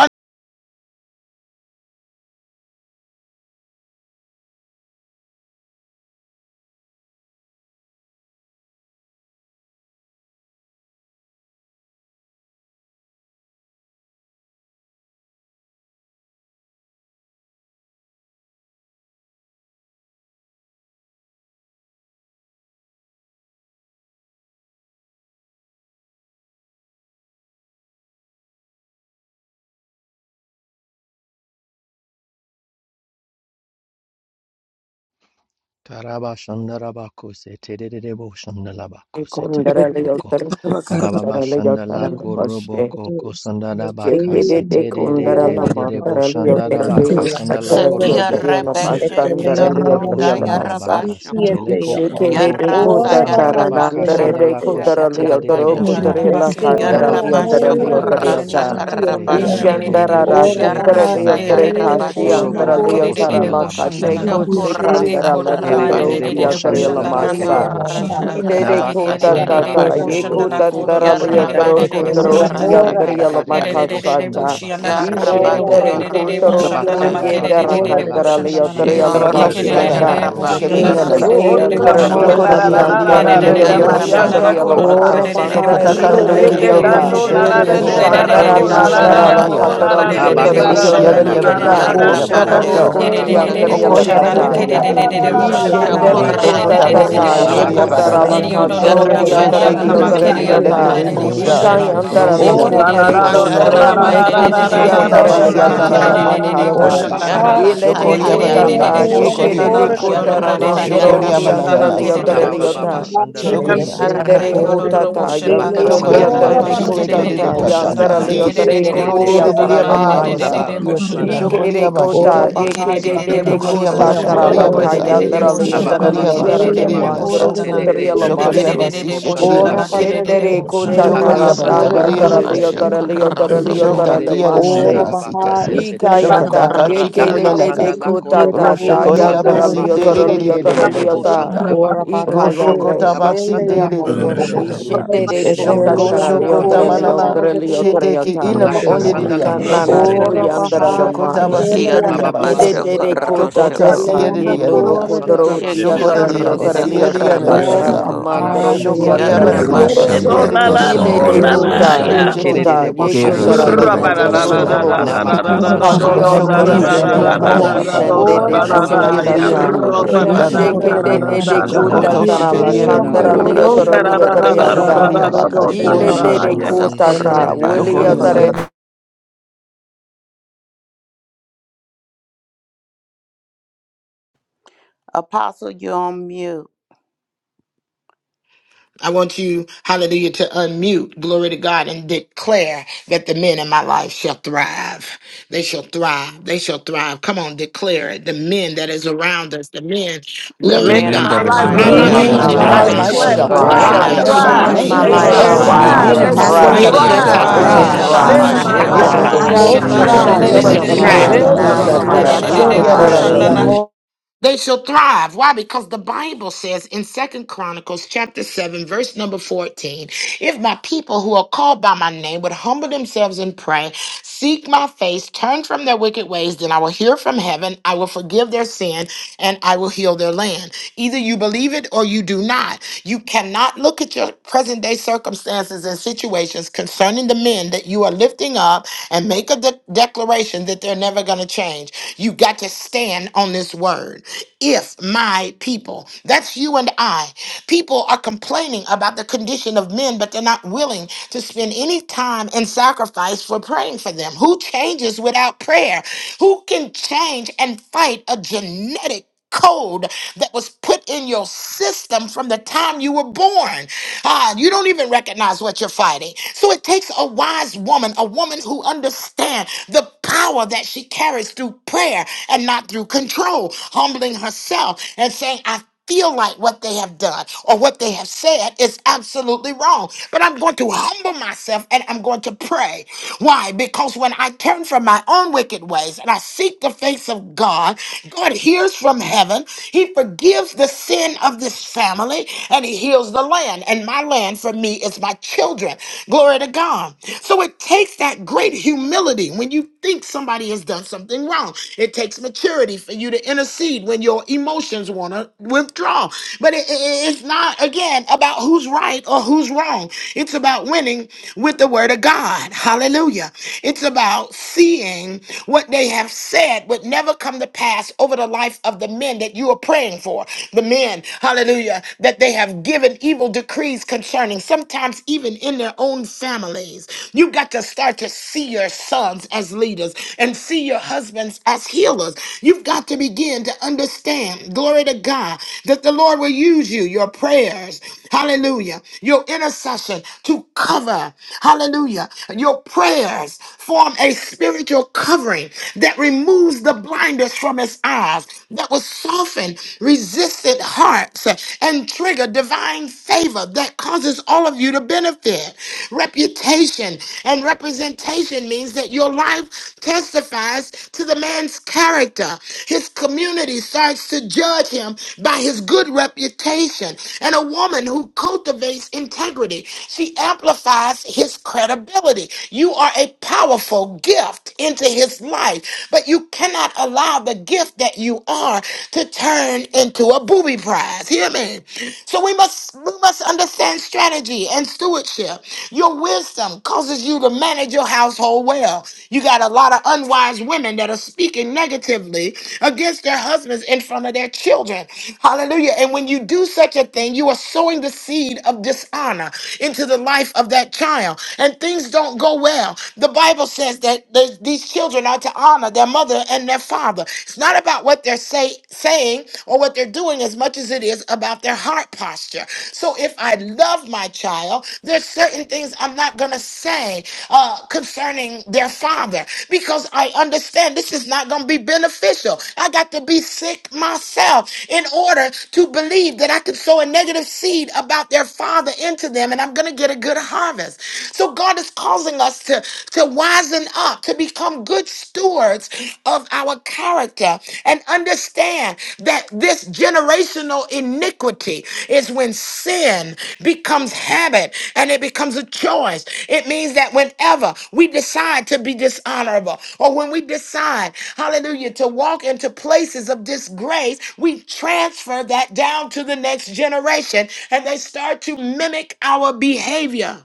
Speaker 2: Taraba Shandarabako se Tedebo Shandalabako se
Speaker 3: Kundara
Speaker 2: Tedeboko
Speaker 3: Yotar,
Speaker 2: Hababa
Speaker 3: Sasara
Speaker 4: Amo te
Speaker 3: Yotara
Speaker 4: ėjom
Speaker 2: Shandalako
Speaker 3: Vashe,
Speaker 2: Roboko
Speaker 4: kada
Speaker 2: Kosandarabaka se
Speaker 4: įsipjovėm
Speaker 3: JKD de
Speaker 5: Thank
Speaker 3: Kundara
Speaker 4: orą
Speaker 3: La
Speaker 4: papa
Speaker 2: Tedebo
Speaker 3: Mandara Yotara,
Speaker 2: Shandarabaka
Speaker 4: įkelėtėjom
Speaker 3: Satara
Speaker 2: Sandalako
Speaker 4: orą
Speaker 6: Sakia
Speaker 4: tada
Speaker 2: Roboko
Speaker 3: Yotara
Speaker 6: Rabeshe
Speaker 7: Sendere
Speaker 3: Basandara
Speaker 4: ekelėjom orą
Speaker 2: Hetedebo
Speaker 6: Kiorota
Speaker 3: Yotara
Speaker 4: maha
Speaker 7: shakti
Speaker 3: Masa.
Speaker 2: Shandarabaka se
Speaker 7: so
Speaker 6: Yarabashoku
Speaker 2: Teleko
Speaker 4: įsikietėjom
Speaker 3: Shikere de
Speaker 2: Koroboko
Speaker 7: radaramatiri
Speaker 6: Yarasa
Speaker 4: orą
Speaker 3: kota
Speaker 4: maha
Speaker 2: Kosandarabaka
Speaker 6: Yarabate
Speaker 3: charanandere de
Speaker 2: Shandalako
Speaker 6: Yarusha
Speaker 4: įselėtėjom
Speaker 2: se
Speaker 3: kotara
Speaker 4: orą
Speaker 3: liodoro
Speaker 4: tada
Speaker 2: Tedebo
Speaker 6: Karabatoko
Speaker 2: Shanda
Speaker 3: kotere
Speaker 8: Etararaba
Speaker 3: la kandara
Speaker 8: kiriororobo
Speaker 4: eskelėjom
Speaker 2: Nabaka
Speaker 3: liodara
Speaker 4: orą
Speaker 6: Yarabashoko
Speaker 8: kipinda
Speaker 4: tada
Speaker 3: liodara
Speaker 8: bashandi
Speaker 2: Sandarabako
Speaker 6: Rasa
Speaker 3: cha.
Speaker 2: se
Speaker 8: anana fonda nama
Speaker 4: įsikietėjom
Speaker 7: gento
Speaker 6: Karabashoko
Speaker 3: Ishandara
Speaker 8: dededede
Speaker 3: ra
Speaker 7: kosho
Speaker 4: orą
Speaker 8: boshanda.
Speaker 2: Tedebo
Speaker 3: kotere
Speaker 4: maha
Speaker 6: Yarasa
Speaker 2: Shandala
Speaker 3: liodare
Speaker 8: Eterere
Speaker 3: kashi
Speaker 4: įselėtėjom
Speaker 6: Yarabashoko
Speaker 8: boshanda
Speaker 3: andara
Speaker 7: radiato
Speaker 8: na
Speaker 2: Koroboko
Speaker 4: orą
Speaker 3: liodara
Speaker 8: kerere
Speaker 4: tada
Speaker 3: la
Speaker 2: kosandala
Speaker 6: Rosoko
Speaker 3: kate
Speaker 8: boshanda
Speaker 2: bashandala
Speaker 6: Shoko
Speaker 3: kotse
Speaker 2: koshete.
Speaker 6: Rasa
Speaker 3: kandara
Speaker 4: įsikietėjom
Speaker 3: la
Speaker 8: Nikoda na mande
Speaker 4: orą
Speaker 3: kadro
Speaker 8: de
Speaker 2: Hererere
Speaker 8: de de de
Speaker 4: tada
Speaker 8: de
Speaker 6: Karabashoko
Speaker 3: liodare la
Speaker 2: boshandara
Speaker 8: boshanda na kere
Speaker 2: koroboko.
Speaker 4: eskelėjom
Speaker 8: bushianda.
Speaker 5: you.
Speaker 3: Ile
Speaker 7: yoshapsi
Speaker 3: de
Speaker 8: De
Speaker 2: Nabaka
Speaker 8: de de
Speaker 3: kota
Speaker 8: de
Speaker 4: la
Speaker 2: sanda
Speaker 8: de
Speaker 2: la
Speaker 8: de de
Speaker 3: tata
Speaker 4: mocora de
Speaker 3: ye
Speaker 8: boshanda
Speaker 4: te
Speaker 6: Andorashakarasakarabashoku.
Speaker 8: na
Speaker 2: koroboko
Speaker 8: kodo
Speaker 3: kotandara
Speaker 8: do bo
Speaker 7: sandere
Speaker 8: de
Speaker 2: koshanda
Speaker 8: de
Speaker 2: koshandara
Speaker 8: de
Speaker 3: liodoro
Speaker 8: de
Speaker 4: e
Speaker 8: de de
Speaker 4: te le
Speaker 3: kotoro
Speaker 2: bakasete
Speaker 8: boshanda na na
Speaker 4: amora
Speaker 8: ma.
Speaker 4: da
Speaker 3: diandari la
Speaker 8: De
Speaker 4: parte
Speaker 8: de
Speaker 2: rerere
Speaker 8: de de de de
Speaker 6: Yarabashakarasakarabasoku.
Speaker 2: boshandara
Speaker 3: makasata.
Speaker 8: boshianda na
Speaker 2: bakosete
Speaker 8: kodo
Speaker 7: dere
Speaker 8: do do
Speaker 4: ora
Speaker 8: bo
Speaker 6: Yarabate
Speaker 8: de
Speaker 2: reboko.
Speaker 4: pare
Speaker 3: Ishendere
Speaker 8: de
Speaker 4: de
Speaker 8: de
Speaker 7: radde
Speaker 8: de
Speaker 4: te e
Speaker 3: kotoro
Speaker 4: te
Speaker 8: boshanda na
Speaker 4: le
Speaker 8: ma
Speaker 7: sekara
Speaker 2: Habakara
Speaker 3: koye
Speaker 8: kere
Speaker 2: bako
Speaker 8: de
Speaker 6: Yoroshakarasaku.
Speaker 3: dara
Speaker 8: de de
Speaker 4: amora
Speaker 8: de
Speaker 4: de
Speaker 2: sandala
Speaker 4: te
Speaker 3: kandara
Speaker 8: boshanda na na.
Speaker 4: e
Speaker 3: liodare
Speaker 2: koshedede
Speaker 4: ti
Speaker 8: E
Speaker 4: io
Speaker 9: Yabaka
Speaker 7: yendere
Speaker 4: te
Speaker 8: kere
Speaker 2: vekerere
Speaker 7: be
Speaker 8: de
Speaker 6: Sheorusa
Speaker 8: de de
Speaker 3: masata.
Speaker 8: de
Speaker 9: shikadana,
Speaker 7: radde
Speaker 4: amora de te
Speaker 2: koroboko.
Speaker 6: Yarabate
Speaker 8: boshianda na
Speaker 7: ki
Speaker 4: e se
Speaker 9: shikadiyana,
Speaker 8: kere de
Speaker 3: Iseki
Speaker 8: de de
Speaker 4: le
Speaker 10: Lorra
Speaker 3: andare
Speaker 2: Baba ba
Speaker 8: boshanda
Speaker 10: bede
Speaker 4: amora
Speaker 8: na
Speaker 4: de
Speaker 9: shokoda
Speaker 3: liota
Speaker 8: na.
Speaker 4: te
Speaker 2: kasanda
Speaker 9: diyada
Speaker 4: e
Speaker 6: Yoroshakarabasoku.
Speaker 7: andere
Speaker 2: la
Speaker 8: De
Speaker 4: ti
Speaker 9: diyada
Speaker 3: tantara
Speaker 8: de
Speaker 7: be
Speaker 8: de
Speaker 4: io
Speaker 2: baba
Speaker 8: de
Speaker 9: diyada
Speaker 4: te
Speaker 10: marararararara
Speaker 2: ba
Speaker 8: de
Speaker 3: liota
Speaker 9: diyada
Speaker 7: radde
Speaker 4: amo
Speaker 10: maya
Speaker 8: boshanda
Speaker 7: sek
Speaker 9: shikadana,
Speaker 2: kasanda
Speaker 8: na
Speaker 3: rokoshari
Speaker 2: la
Speaker 8: kodo do
Speaker 2: bako
Speaker 8: bo
Speaker 10: robosa.
Speaker 3: alabaka
Speaker 4: ora
Speaker 8: de de
Speaker 2: setere
Speaker 8: de
Speaker 2: de
Speaker 8: de
Speaker 2: de
Speaker 4: baha
Speaker 3: sandare
Speaker 9: shokota
Speaker 4: e
Speaker 2: boshe.
Speaker 4: se
Speaker 8: boshanda
Speaker 9: kara
Speaker 3: liota
Speaker 4: le
Speaker 8: na
Speaker 4: io
Speaker 7: dandere
Speaker 9: diyada
Speaker 8: kere
Speaker 4: te
Speaker 10: Rebete
Speaker 8: de
Speaker 9: diyada
Speaker 8: de
Speaker 2: Kere
Speaker 7: bandere
Speaker 2: de
Speaker 3: liota.
Speaker 10: dando
Speaker 2: de
Speaker 9: bushita
Speaker 10: la
Speaker 2: de
Speaker 8: boshanda.
Speaker 7: ke
Speaker 2: de
Speaker 4: amora
Speaker 10: la
Speaker 4: de
Speaker 10: de
Speaker 9: kiyada
Speaker 4: te
Speaker 10: de
Speaker 8: De de
Speaker 2: boshanda
Speaker 9: daka
Speaker 7: yandere
Speaker 8: de
Speaker 2: la
Speaker 4: e
Speaker 8: de
Speaker 3: Ikandara
Speaker 8: de
Speaker 2: ko
Speaker 10: bararo
Speaker 4: le
Speaker 6: Karabasa,
Speaker 10: la la
Speaker 9: shikadiyada
Speaker 4: amora
Speaker 2: setere
Speaker 8: boshanda
Speaker 10: la
Speaker 3: nandara
Speaker 4: ma
Speaker 2: de
Speaker 8: na
Speaker 9: niyada
Speaker 10: la
Speaker 3: la
Speaker 10: do
Speaker 8: kodo
Speaker 2: boko.
Speaker 8: do
Speaker 9: niyasha,
Speaker 10: la
Speaker 3: katara
Speaker 8: bo
Speaker 4: e
Speaker 10: la
Speaker 8: de
Speaker 10: de
Speaker 8: de
Speaker 4: se
Speaker 2: Haba
Speaker 8: de
Speaker 10: de
Speaker 3: liota
Speaker 4: le
Speaker 8: de
Speaker 4: io te
Speaker 3: liota
Speaker 6: Horashakarabasakurashaka.
Speaker 2: kasanda
Speaker 8: boshanda
Speaker 9: shikadiyada
Speaker 8: na
Speaker 10: bararo
Speaker 2: la
Speaker 7: dandere
Speaker 2: ko
Speaker 9: diyada
Speaker 10: la
Speaker 7: be
Speaker 8: kere
Speaker 10: la
Speaker 9: diyada
Speaker 8: de de
Speaker 3: liota.
Speaker 7: radde be
Speaker 2: roboko
Speaker 9: shikadiyada
Speaker 4: Ora
Speaker 8: boshanda.
Speaker 6: Yarabate
Speaker 2: koko
Speaker 3: Mokotoro
Speaker 7: sek
Speaker 9: kasho,
Speaker 4: barrete
Speaker 2: sanda la
Speaker 3: kochi
Speaker 2: bako
Speaker 4: estele
Speaker 8: Ererererere
Speaker 3: andare
Speaker 9: oko
Speaker 3: la
Speaker 4: yamo
Speaker 2: shetere
Speaker 8: boşanda
Speaker 9: yabada
Speaker 2: de
Speaker 8: na
Speaker 2: de
Speaker 4: core
Speaker 2: de
Speaker 6: Yoroshakarasaku.
Speaker 4: de
Speaker 2: de
Speaker 9: daka
Speaker 3: kataya.
Speaker 2: de
Speaker 4: te
Speaker 2: boko
Speaker 8: kererererere
Speaker 7: sedere
Speaker 9: shikadiyada
Speaker 4: istikio
Speaker 2: sanda
Speaker 7: dandere be
Speaker 9: bachi,
Speaker 2: la
Speaker 8: boşanda
Speaker 4: te
Speaker 8: na
Speaker 2: bako
Speaker 8: nama
Speaker 3: Ishendere
Speaker 4: yamo.
Speaker 3: kota
Speaker 9: sokota
Speaker 2: roboko.
Speaker 4: Ora
Speaker 9: basi
Speaker 8: ererererere
Speaker 3: tata
Speaker 7: sek
Speaker 3: ye
Speaker 2: Baba
Speaker 4: baha
Speaker 11: Rosharapoteshi
Speaker 8: boşanda.
Speaker 9: shokodiyada
Speaker 3: kotara
Speaker 4: estele
Speaker 6: Shakurrasakarabashoko.
Speaker 2: kasanda
Speaker 9: dada
Speaker 3: la
Speaker 2: la ko
Speaker 4: yamo
Speaker 9: shi,
Speaker 11: Nalabasiteshi.
Speaker 8: Eriyorororo
Speaker 3: kandoro
Speaker 4: core
Speaker 2: shetere
Speaker 4: de
Speaker 2: de
Speaker 4: te
Speaker 9: gure
Speaker 8: boşanda
Speaker 3: liota
Speaker 6: Yarabate
Speaker 2: boko.
Speaker 8: yana
Speaker 7: yandere
Speaker 8: nama
Speaker 3: liota
Speaker 9: shikadiyada
Speaker 2: Here de
Speaker 8: kereyana
Speaker 4: istikio
Speaker 2: de
Speaker 9: kiyada
Speaker 2: de
Speaker 4: te
Speaker 3: liota.
Speaker 8: nama
Speaker 9: dede
Speaker 2: boko
Speaker 4: yamo
Speaker 8: erere
Speaker 4: core
Speaker 9: busha,
Speaker 2: sanda
Speaker 4: de
Speaker 3: Ikai
Speaker 2: la
Speaker 8: boşanda.
Speaker 4: te.
Speaker 2: baba
Speaker 3: andara la
Speaker 2: sanda
Speaker 6: Yaroshakarrasakarabashoko.
Speaker 9: gurungada,
Speaker 2: la
Speaker 4: Ora
Speaker 11: Rosharapoteshi
Speaker 2: bako
Speaker 8: Ekererere
Speaker 3: kotere
Speaker 4: baha
Speaker 2: roboko.
Speaker 8: boşanda na
Speaker 3: kotaro
Speaker 11: Nalabasiteshi.
Speaker 4: estele
Speaker 9: shikadiyada
Speaker 8: nama
Speaker 4: yamo
Speaker 10: la
Speaker 3: neko
Speaker 4: core
Speaker 3: shi
Speaker 2: De
Speaker 4: de
Speaker 2: de
Speaker 8: ererererere
Speaker 4: te
Speaker 9: Shokota
Speaker 2: de
Speaker 3: andare
Speaker 2: de de
Speaker 8: boşanda
Speaker 2: de
Speaker 9: basike
Speaker 8: na
Speaker 3: liota
Speaker 4: estele
Speaker 3: la
Speaker 4: yamo.
Speaker 10: la
Speaker 2: boshanda.
Speaker 9: diamanian in the
Speaker 6: Andarabashokurrasakurabashake.
Speaker 8: kererererere
Speaker 4: Ora
Speaker 3: bakata.
Speaker 9: obosi.
Speaker 8: boşanda na
Speaker 2: Bakasanda
Speaker 8: na.
Speaker 4: baha
Speaker 2: la
Speaker 3: Ile de
Speaker 9: Shokoria
Speaker 6: Yarasaka
Speaker 2: koroboko.
Speaker 4: estele
Speaker 9: banadiaba,
Speaker 4: te
Speaker 3: kutata,
Speaker 8: Ekererererere
Speaker 2: Setere
Speaker 4: yamo
Speaker 2: de
Speaker 6: Yarabashoko.
Speaker 9: Shokoria
Speaker 8: boşanda
Speaker 3: yekere
Speaker 2: de
Speaker 3: de
Speaker 8: na
Speaker 4: core
Speaker 9: mana.
Speaker 4: de
Speaker 2: boshanda
Speaker 4: te.
Speaker 8: kororo
Speaker 2: la
Speaker 3: kutaran
Speaker 2: ko
Speaker 9: Ro
Speaker 6: Yarasa
Speaker 8: borerere
Speaker 3: andro
Speaker 2: setere de
Speaker 9: Shokoria
Speaker 4: Este
Speaker 3: ni
Speaker 8: boşanda
Speaker 4: yamo
Speaker 2: boko.
Speaker 8: na
Speaker 9: manana
Speaker 4: maha
Speaker 9: sikere.
Speaker 8: kererere
Speaker 2: Hababa
Speaker 4: isti.
Speaker 2: baba
Speaker 6: Yarabashokurashoko.
Speaker 8: boşanda.
Speaker 3: andreliyotareliyota.
Speaker 2: shanda la ko
Speaker 4: Chele este
Speaker 9: Shokoria.
Speaker 2: setere
Speaker 4: yamo
Speaker 2: de
Speaker 6: Harra.
Speaker 3: Ishendere
Speaker 4: core de
Speaker 2: boko.
Speaker 4: te
Speaker 8: Eriyorororo
Speaker 3: otata,
Speaker 8: boşanda
Speaker 4: estele
Speaker 8: na
Speaker 4: yamo
Speaker 9: Shokoda
Speaker 2: Habakasanda da
Speaker 8: kereyana
Speaker 4: ora
Speaker 9: diaba,
Speaker 8: nama
Speaker 3: yandreliyotarele
Speaker 2: bako
Speaker 9: she take
Speaker 4: barrete.
Speaker 2: setere
Speaker 9: it
Speaker 2: de de
Speaker 9: de
Speaker 8: ekererere
Speaker 3: kutata,
Speaker 8: boşanda
Speaker 2: boshanda
Speaker 9: katata.
Speaker 2: la
Speaker 8: na
Speaker 4: Istikio
Speaker 2: ko
Speaker 9: See.
Speaker 4: te
Speaker 3: yandreliyotare
Speaker 2: setere
Speaker 8: ekerererere
Speaker 4: yamo
Speaker 2: de
Speaker 9: Grunde
Speaker 3: kutiya
Speaker 4: ora
Speaker 8: boşanda na
Speaker 2: boko.
Speaker 8: na
Speaker 4: baha
Speaker 9: diabaniaba
Speaker 3: saralabaya.
Speaker 9: sa.
Speaker 8: ererererere
Speaker 4: istikio te
Speaker 8: boşanda.
Speaker 2: Habakasanda
Speaker 4: yamo.
Speaker 2: la
Speaker 9: Shokoria
Speaker 3: Ikere
Speaker 9: ba
Speaker 4: Ora
Speaker 3: kota,
Speaker 9: shikere.
Speaker 2: koroboko
Speaker 10: la
Speaker 2: ko
Speaker 4: baha
Speaker 3: yekere de
Speaker 2: sanda
Speaker 8: Yekedede
Speaker 10: la.
Speaker 4: isele
Speaker 2: da
Speaker 3: de
Speaker 4: ya te
Speaker 9: Shokoria
Speaker 2: baka
Speaker 9: ba
Speaker 8: boşundana
Speaker 4: ya
Speaker 2: setere de
Speaker 9: shankaria
Speaker 3: kusatarala
Speaker 8: kododo
Speaker 9: ba
Speaker 4: mokore de te
Speaker 2: boko.
Speaker 9: sa.
Speaker 3: kaya,
Speaker 8: boydede
Speaker 4: esele.
Speaker 2: Hababa
Speaker 8: boşundana na
Speaker 2: baba
Speaker 9: Shokoria ba
Speaker 4: Le
Speaker 2: shanda da
Speaker 4: ya
Speaker 3: andreliyotareliyotarele
Speaker 9: shikeria
Speaker 8: kedede
Speaker 9: na
Speaker 2: bako
Speaker 9: sa.
Speaker 4: mokore
Speaker 3: mandro
Speaker 4: de te
Speaker 2: setere
Speaker 8: boşundana
Speaker 2: de de de
Speaker 4: esele
Speaker 2: de
Speaker 4: ya.
Speaker 9: Shokoria
Speaker 2: de de
Speaker 9: ba
Speaker 3: futariyalabasi.
Speaker 2: de
Speaker 9: si
Speaker 8: yekedede
Speaker 2: boshanda
Speaker 9: shekeria
Speaker 2: la
Speaker 9: ba
Speaker 4: Ora
Speaker 8: boşundana
Speaker 2: ko
Speaker 9: si.
Speaker 4: barre
Speaker 2: sete.
Speaker 8: kedede
Speaker 4: de
Speaker 3: Ishendere
Speaker 8: boşunda.
Speaker 4: esele ya
Speaker 9: Shokoria
Speaker 3: kutata,
Speaker 9: ba
Speaker 2: Hakasanda
Speaker 4: mokore
Speaker 2: la
Speaker 4: de
Speaker 2: ko
Speaker 9: diabaria
Speaker 4: te
Speaker 9: ba
Speaker 3: yatara
Speaker 2: setere
Speaker 9: koshi.
Speaker 2: de
Speaker 4: isi
Speaker 2: boko.
Speaker 4: ki te ya mo.
Speaker 6: Shakarabashokurasako.
Speaker 3: liyotareliyotareliyotarele
Speaker 9: Shotakia
Speaker 2: Kererebo
Speaker 9: na na na
Speaker 4: Ora
Speaker 3: masi.
Speaker 2: shandarabaka
Speaker 9: nanasite.
Speaker 4: baha esele ya
Speaker 2: setereboko.
Speaker 4: mo.
Speaker 12: Carbo,
Speaker 3: Ikayata,
Speaker 9: Shokotaka
Speaker 2: La
Speaker 3: yeke
Speaker 9: shikere
Speaker 3: de
Speaker 9: na
Speaker 6: Shakurasako.
Speaker 3: de
Speaker 9: naka.
Speaker 3: de
Speaker 2: kasanda la
Speaker 4: Isi ki
Speaker 3: kota
Speaker 4: te
Speaker 3: ta
Speaker 2: koroboko
Speaker 3: ta
Speaker 4: ya
Speaker 9: Roshokolia
Speaker 3: yandara
Speaker 4: mokore de
Speaker 3: leo
Speaker 2: kosandarabako
Speaker 4: te
Speaker 9: Basite de
Speaker 3: dora
Speaker 9: de de de
Speaker 3: leo
Speaker 9: de
Speaker 4: esele
Speaker 9: de
Speaker 3: dora
Speaker 9: de
Speaker 4: ya.
Speaker 3: leo
Speaker 2: shekererebo
Speaker 9: Bosita.
Speaker 4: Ora
Speaker 2: shandarabako
Speaker 4: barre de
Speaker 2: sete.
Speaker 4: te
Speaker 3: Ikayande,
Speaker 9: Roshokota Basite
Speaker 2: Abashanda
Speaker 4: esele ya
Speaker 2: la
Speaker 9: de de de de
Speaker 4: mokore de
Speaker 2: koroboko.
Speaker 4: te.
Speaker 3: ishe
Speaker 9: Bosita.
Speaker 3: de de
Speaker 11: Rosharapoteshi
Speaker 2: Etererebo
Speaker 3: kota
Speaker 4: Etele
Speaker 9: Shoko
Speaker 4: yamo
Speaker 3: tara leo
Speaker 9: Shokota
Speaker 2: shandarabako
Speaker 3: dora
Speaker 11: Nalabasiteshi.
Speaker 4: yamokora
Speaker 3: leo
Speaker 9: Manana
Speaker 3: dora
Speaker 4: baradede
Speaker 2: setereboko.
Speaker 9: Shedeki
Speaker 4: isisi
Speaker 2: La
Speaker 9: Inama
Speaker 4: ete yamo.
Speaker 2: kasanda la
Speaker 3: na
Speaker 9: Oniriana
Speaker 3: na na
Speaker 11: Rosharapoteshi
Speaker 6: Shakurabashoko.
Speaker 2: kosetere
Speaker 3: ko
Speaker 9: Dokocho.
Speaker 2: de
Speaker 4: Ora
Speaker 2: bo
Speaker 4: baha
Speaker 3: yandara
Speaker 2: shanda
Speaker 11: Nalavasite.
Speaker 3: la
Speaker 9: Shokota
Speaker 2: rabako.
Speaker 3: maya
Speaker 7: under
Speaker 4: istele
Speaker 9: Basika de
Speaker 7: it
Speaker 2: Mababa
Speaker 4: yamokora
Speaker 7: is
Speaker 3: ile
Speaker 9: Yamasa.
Speaker 3: te
Speaker 4: dede.
Speaker 2: sanda
Speaker 3: de ko
Speaker 2: rabako
Speaker 3: ta
Speaker 9: Shokota
Speaker 3: ta
Speaker 6: Shiyarabashokurashoko.
Speaker 4: Etele
Speaker 3: ta
Speaker 2: roboko.
Speaker 3: ye no ro
Speaker 2: Koroko
Speaker 9: Sierriania.
Speaker 4: yamokora
Speaker 3: ko
Speaker 2: sanda
Speaker 3: tro
Speaker 4: dede
Speaker 3: ti
Speaker 2: rabako
Speaker 7: dendere
Speaker 4: isisi
Speaker 9: Shokota
Speaker 3: atara li
Speaker 2: setere
Speaker 4: ete
Speaker 2: de de
Speaker 3: atara
Speaker 6: Shekirasa
Speaker 4: yamo.
Speaker 3: li
Speaker 2: bo
Speaker 3: ta
Speaker 2: shanda
Speaker 3: ta
Speaker 7: sikera
Speaker 2: lako.
Speaker 3: tara
Speaker 4: Ora
Speaker 9: Diabasierianiosa.
Speaker 3: la
Speaker 6: Karabashoko.
Speaker 4: baha
Speaker 3: mandro
Speaker 4: le
Speaker 2: Harabako
Speaker 11: Rosharapoteshi
Speaker 3: ki
Speaker 2: sanda
Speaker 4: ete
Speaker 9: Shokoria
Speaker 10: The
Speaker 3: atara la
Speaker 13: Nero
Speaker 2: rabaka
Speaker 3: maya
Speaker 4: yamokora
Speaker 2: setere
Speaker 4: dede.
Speaker 13: Sandra
Speaker 11: Nalavasiteshi.
Speaker 2: de bo
Speaker 6: Yarabashokorasa
Speaker 2: shanda
Speaker 3: ile
Speaker 13: Sandre
Speaker 3: de
Speaker 2: laka
Speaker 9: Badriabasierianokoche.
Speaker 4: Tele
Speaker 3: ko
Speaker 2: shete.
Speaker 4: ete
Speaker 3: ta
Speaker 7: dendere
Speaker 13: Robosha,
Speaker 3: ye
Speaker 6: Karabashoko.
Speaker 7: or
Speaker 4: yamo.
Speaker 3: ko
Speaker 2: Kere de
Speaker 3: ta
Speaker 2: de bo
Speaker 3: ye
Speaker 9: Brechekediobosi,
Speaker 3: ko
Speaker 7: sikera
Speaker 13: Kero
Speaker 2: shanda
Speaker 3: tara la
Speaker 2: lako
Speaker 13: Sandre
Speaker 3: mandra
Speaker 2: roboko.
Speaker 3: li
Speaker 7: sikera
Speaker 13: Closara
Speaker 4: Sele
Speaker 3: pa
Speaker 9: Shekedidodododolobosi.
Speaker 13: Kundra
Speaker 2: Nabaka sanda
Speaker 13: Gosha.
Speaker 9: Bro
Speaker 2: lako
Speaker 7: and
Speaker 3: apasiom
Speaker 4: mananene
Speaker 9: shokora
Speaker 3: mi
Speaker 9: da
Speaker 2: setere
Speaker 7: dendere
Speaker 2: de
Speaker 9: na
Speaker 7: be
Speaker 4: sele
Speaker 9: na
Speaker 3: i
Speaker 9: na
Speaker 7: around
Speaker 4: yambo
Speaker 9: de
Speaker 2: boko.
Speaker 7: the
Speaker 9: ya
Speaker 7: be
Speaker 3: kashi
Speaker 9: baka.
Speaker 2: Oko
Speaker 11: Rosharapoteshi
Speaker 3: nande
Speaker 7: sikera
Speaker 4: ora
Speaker 3: de
Speaker 2: sanda
Speaker 3: ko
Speaker 4: baha
Speaker 3: ta
Speaker 9: Shokeri
Speaker 2: rabaka
Speaker 9: ye
Speaker 3: ta
Speaker 9: biri
Speaker 2: sanda
Speaker 9: ye de
Speaker 4: isele
Speaker 11: Nalavasiteshi.
Speaker 3: ta
Speaker 9: ya
Speaker 2: lako
Speaker 9: bo
Speaker 4: yate
Speaker 3: ji
Speaker 2: shetere
Speaker 4: yamo
Speaker 9: shitan
Speaker 2: de
Speaker 9: da de
Speaker 4: kore
Speaker 9: ya.
Speaker 2: boko.
Speaker 3: sheke
Speaker 4: dete
Speaker 3: de de de ko
Speaker 6: Shokorabashokorashoko.
Speaker 3: ta
Speaker 4: istiki
Speaker 9: Shokoto
Speaker 7: dendere
Speaker 2: Nababa
Speaker 3: tara
Speaker 7: be
Speaker 4: yate
Speaker 2: ba
Speaker 9: sikeri
Speaker 3: la
Speaker 11: Rosharapoteshi
Speaker 7: around
Speaker 9: ye biri
Speaker 2: sanda
Speaker 4: yamo
Speaker 9: ye
Speaker 3: kandara
Speaker 9: de
Speaker 3: li
Speaker 9: ya
Speaker 4: kore
Speaker 2: rabako
Speaker 11: Nalavasite.
Speaker 4: dete
Speaker 3: atara
Speaker 9: shite.
Speaker 3: li
Speaker 2: roboko.
Speaker 3: atara
Speaker 4: sele
Speaker 2: Sanda
Speaker 7: sikera
Speaker 3: yanda
Speaker 4: yamo
Speaker 9: Shokori
Speaker 6: Shokorashoko.
Speaker 2: rabaka
Speaker 9: ya baka
Speaker 2: shetere de
Speaker 9: shire
Speaker 3: ile
Speaker 2: de
Speaker 4: ora
Speaker 9: de
Speaker 2: bo
Speaker 9: ya
Speaker 3: te de
Speaker 4: baha
Speaker 2: shanda
Speaker 9: boko
Speaker 3: ko
Speaker 9: ya.
Speaker 2: lako
Speaker 3: ta
Speaker 4: sele
Speaker 3: ta
Speaker 2: setere
Speaker 11: Rosharapoteshi
Speaker 2: de
Speaker 4: yamo
Speaker 2: boko.
Speaker 9: Shokori ya
Speaker 6: Sokorabashokor.
Speaker 9: baka.
Speaker 11: Nalavasite.
Speaker 6: Apostle, you on mute.
Speaker 1: I want you, hallelujah, to unmute, glory to God, and declare that the men in my life shall thrive. They shall thrive. They shall thrive. Come on, declare it. The men that is around us, the men,
Speaker 6: The
Speaker 1: glory
Speaker 13: The
Speaker 10: men
Speaker 1: to
Speaker 6: men
Speaker 10: in
Speaker 6: in
Speaker 13: men
Speaker 1: God.
Speaker 10: my
Speaker 13: that
Speaker 6: my
Speaker 9: And
Speaker 2: The
Speaker 13: is
Speaker 10: life
Speaker 3: The
Speaker 14: The
Speaker 6: life
Speaker 9: the
Speaker 2: men
Speaker 13: around
Speaker 2: in
Speaker 10: will.
Speaker 3: men
Speaker 4: Men
Speaker 14: men
Speaker 13: us
Speaker 2: my
Speaker 6: shall
Speaker 4: in
Speaker 3: in
Speaker 14: and
Speaker 9: men
Speaker 13: shall
Speaker 4: my
Speaker 3: my
Speaker 14: our
Speaker 9: in
Speaker 2: life,
Speaker 4: life
Speaker 10: I
Speaker 14: life,
Speaker 9: my
Speaker 11: Hallelujah,
Speaker 6: thrive.
Speaker 14: they
Speaker 13: thrive.
Speaker 3: life
Speaker 11: they
Speaker 2: sh-
Speaker 9: life
Speaker 4: shall
Speaker 3: shall
Speaker 10: declare that
Speaker 14: shall
Speaker 9: shall
Speaker 11: shall
Speaker 2: I
Speaker 6: The
Speaker 10: they
Speaker 14: thrive.
Speaker 6: men
Speaker 2: declare,
Speaker 11: thrive.
Speaker 8: The
Speaker 10: shall
Speaker 15: Yeah.
Speaker 9: thrive
Speaker 3: thrive.
Speaker 6: that
Speaker 4: thrive.
Speaker 8: meaning
Speaker 9: in
Speaker 8: of
Speaker 2: shall
Speaker 8: my
Speaker 9: the
Speaker 14: Rise
Speaker 4: I
Speaker 6: surround
Speaker 8: life
Speaker 14: to
Speaker 10: thrive.
Speaker 6: me
Speaker 3: The
Speaker 14: the
Speaker 2: thrive.
Speaker 8: shall
Speaker 9: name
Speaker 10: They
Speaker 3: men
Speaker 11: They
Speaker 14: ground,
Speaker 6: shall
Speaker 3: in
Speaker 14: you
Speaker 1: Rabakundalabasukundalarabasukundalarabas-
Speaker 10: shall
Speaker 3: my
Speaker 2: The
Speaker 8: thrive
Speaker 4: declare
Speaker 9: of
Speaker 8: in
Speaker 13: The
Speaker 8: the
Speaker 14: shall
Speaker 11: shall
Speaker 4: that
Speaker 2: men
Speaker 4: the
Speaker 2: in
Speaker 3: life
Speaker 13: men
Speaker 8: name of
Speaker 2: my
Speaker 6: thrive.
Speaker 9: Jesus.
Speaker 4: men
Speaker 10: thrive.
Speaker 14: thrive
Speaker 3: shall
Speaker 14: in
Speaker 4: in
Speaker 10: They
Speaker 14: the
Speaker 13: around
Speaker 2: life
Speaker 11: thrive.
Speaker 4: my
Speaker 2: uh,
Speaker 8: Jesus.
Speaker 14: name
Speaker 9: Show
Speaker 10: shall
Speaker 8: If
Speaker 14: of
Speaker 4: life
Speaker 13: us,
Speaker 8: they
Speaker 9: God
Speaker 13: me
Speaker 3: thrive.
Speaker 9: in
Speaker 8: shall
Speaker 14: Jesus.
Speaker 2: will
Speaker 9: there.
Speaker 4: shall
Speaker 13: shall
Speaker 7: dendere
Speaker 10: thrive.
Speaker 3: They
Speaker 6: The
Speaker 7: be
Speaker 9: They
Speaker 8: thrive,
Speaker 9: shall
Speaker 3: shall
Speaker 2: thrive.
Speaker 11: They
Speaker 6: men
Speaker 16: in
Speaker 6: in
Speaker 16: the
Speaker 13: thrive.
Speaker 4: thrive.
Speaker 10: The
Speaker 6: my
Speaker 16: life
Speaker 11: shall
Speaker 10: men
Speaker 8: ikadadaba
Speaker 2: The
Speaker 4: The
Speaker 10: in
Speaker 3: thrive.
Speaker 6: life
Speaker 14: Arabakorabeke,
Speaker 9: succeed.
Speaker 16: of
Speaker 10: my
Speaker 2: men
Speaker 4: men
Speaker 8: shiri
Speaker 2: in
Speaker 6: shall
Speaker 9: They
Speaker 2: my
Speaker 16: God
Speaker 10: life
Speaker 9: shall
Speaker 4: around
Speaker 11: thrive.
Speaker 3: Ilere
Speaker 4: me
Speaker 16: in
Speaker 2: life,
Speaker 10: shall
Speaker 9: go
Speaker 3: de
Speaker 2: I
Speaker 16: name
Speaker 6: thrive.
Speaker 16: of
Speaker 4: shall
Speaker 9: forth.
Speaker 2: declare,
Speaker 16: Jesus.
Speaker 2: they
Speaker 9: Shall
Speaker 13: Nero
Speaker 10: thrive
Speaker 8: bokendana
Speaker 10: in
Speaker 7: sikera
Speaker 3: mushe.
Speaker 2: will
Speaker 9: get
Speaker 17: Anybody
Speaker 10: the
Speaker 9: in
Speaker 4: thrive
Speaker 9: the
Speaker 4: in the
Speaker 9: elbow,
Speaker 13: Sandra
Speaker 11: They
Speaker 2: thrive.
Speaker 17: around me
Speaker 9: shall
Speaker 8: my
Speaker 17: look
Speaker 16: In
Speaker 4: name
Speaker 9: get in
Speaker 4: of
Speaker 14: ararabasorabekarabakarabakurabakurabaka.
Speaker 16: case
Speaker 9: the
Speaker 17: loud.
Speaker 3: Ilere
Speaker 11: shall
Speaker 8: boşunda.
Speaker 16: I'm
Speaker 9: elbow,
Speaker 13: Kosara
Speaker 2: The
Speaker 16: doing a
Speaker 14: My
Speaker 9: shall
Speaker 2: men
Speaker 13: Dede
Speaker 2: in
Speaker 4: Jesus.
Speaker 9: get.
Speaker 16: little
Speaker 2: my
Speaker 11: thrive.
Speaker 14: pastor,
Speaker 10: name
Speaker 16: so
Speaker 3: kutata.
Speaker 14: you
Speaker 2: life,
Speaker 15: Yeah.
Speaker 2: I
Speaker 16: cold,
Speaker 14: shall
Speaker 9: Show
Speaker 10: of
Speaker 9: the
Speaker 8: Yededede
Speaker 10: Jesus.
Speaker 16: I'm
Speaker 9: other
Speaker 2: declare, they
Speaker 14: thrive
Speaker 16: ready
Speaker 4: Sele
Speaker 16: to
Speaker 14: in the
Speaker 2: will thrive.
Speaker 6: Shokorabashokorasa
Speaker 8: boşundana
Speaker 9: there.
Speaker 11: They.
Speaker 14: name.
Speaker 13: Boshara
Speaker 17: Amen.
Speaker 16: start.
Speaker 4: yamo.
Speaker 1: they shall thrive why because the bible says in second chronicles chapter 7 verse number 14 if my people who are called by my name would humble themselves and pray seek my face turn from their wicked ways then i will hear from heaven i will forgive their sin and i will heal their land Either you believe it or you do not. You cannot look at your present day circumstances and situations concerning the men that you are lifting up and make a de- declaration that they're never going to change. You got to stand on this word. If my people, that's you and I, people are complaining about the condition of men, but they're not willing to spend any time and sacrifice for praying for them. Who changes without prayer? Who can change and fight a genetic? code that was put in your system from the time you were born. Ah, you don't even recognize what you're fighting. So it takes a wise woman, a woman who understands the power that she carries through prayer and not through control, humbling herself and saying, I feel like what they have done or what they have said is absolutely wrong. But I'm going to humble myself and I'm going to pray. Why? Because when I turn from my own wicked ways and I seek the face of God, God hears from heaven. He forgives the sin of this family and He heals the land. And my land for me is my children. Glory to God. So it takes that great humility when you think somebody has done something wrong. It takes takes maturity for you to intercede when your emotions want to withdraw. But it, it- it's not, again, about who's right or who's wrong. It's about winning with the word of God. Hallelujah. It's about seeing what they have said would never come to pass over the life of the men that you are praying for. The men, hallelujah, that they have given evil decrees concerning, sometimes even in their own families. You've got to start to see your sons as leaders and see your husbands as healers. You've got to begin to understand, glory to God, that the Lord will use you, your prayers, hallelujah, your intercession to cover, hallelujah, your prayers form a spiritual covering that removes the blinders from his eyes, that will soften resistant hearts and trigger divine favor that causes all of you to to benefit. Reputation and representation means that your life testifies to the man's character. His community starts to judge him by his good reputation. And a woman who cultivates integrity, she amplifies his credibility. You are a powerful gift into his life, but you cannot allow the gift that you are to turn into a booby prize human. So we must we must understand strategy and stewardship. Your wisdom causes you to manage your household well. You got a lot of unwise women that are speaking negatively against their husbands in front of their children. Hallelujah. And when you do such a thing, you are sowing the seed of dishonor into the life of that child. And things don't go well. The Bible says that the- these children are to honor their mother and their father. It's not not about what they're say, saying or what they're doing as much as it is about their heart posture. So if I love my child, there's certain things I'm not going to say uh, concerning their father because I understand this is not going to be beneficial. I got to be sick myself in order to believe that I could sow a negative seed about their father into them and I'm going to get a good harvest. So God is causing us to, to wise wisen up up to become good stewards of our character and understand that this generational iniquity is when sin becomes habit and it becomes a choice. It means that whenever we decide to be dishonorable or when we decide, hallelujah, to walk into places of disgrace, we transfer that down to the next generation and they start to mimic our behavior.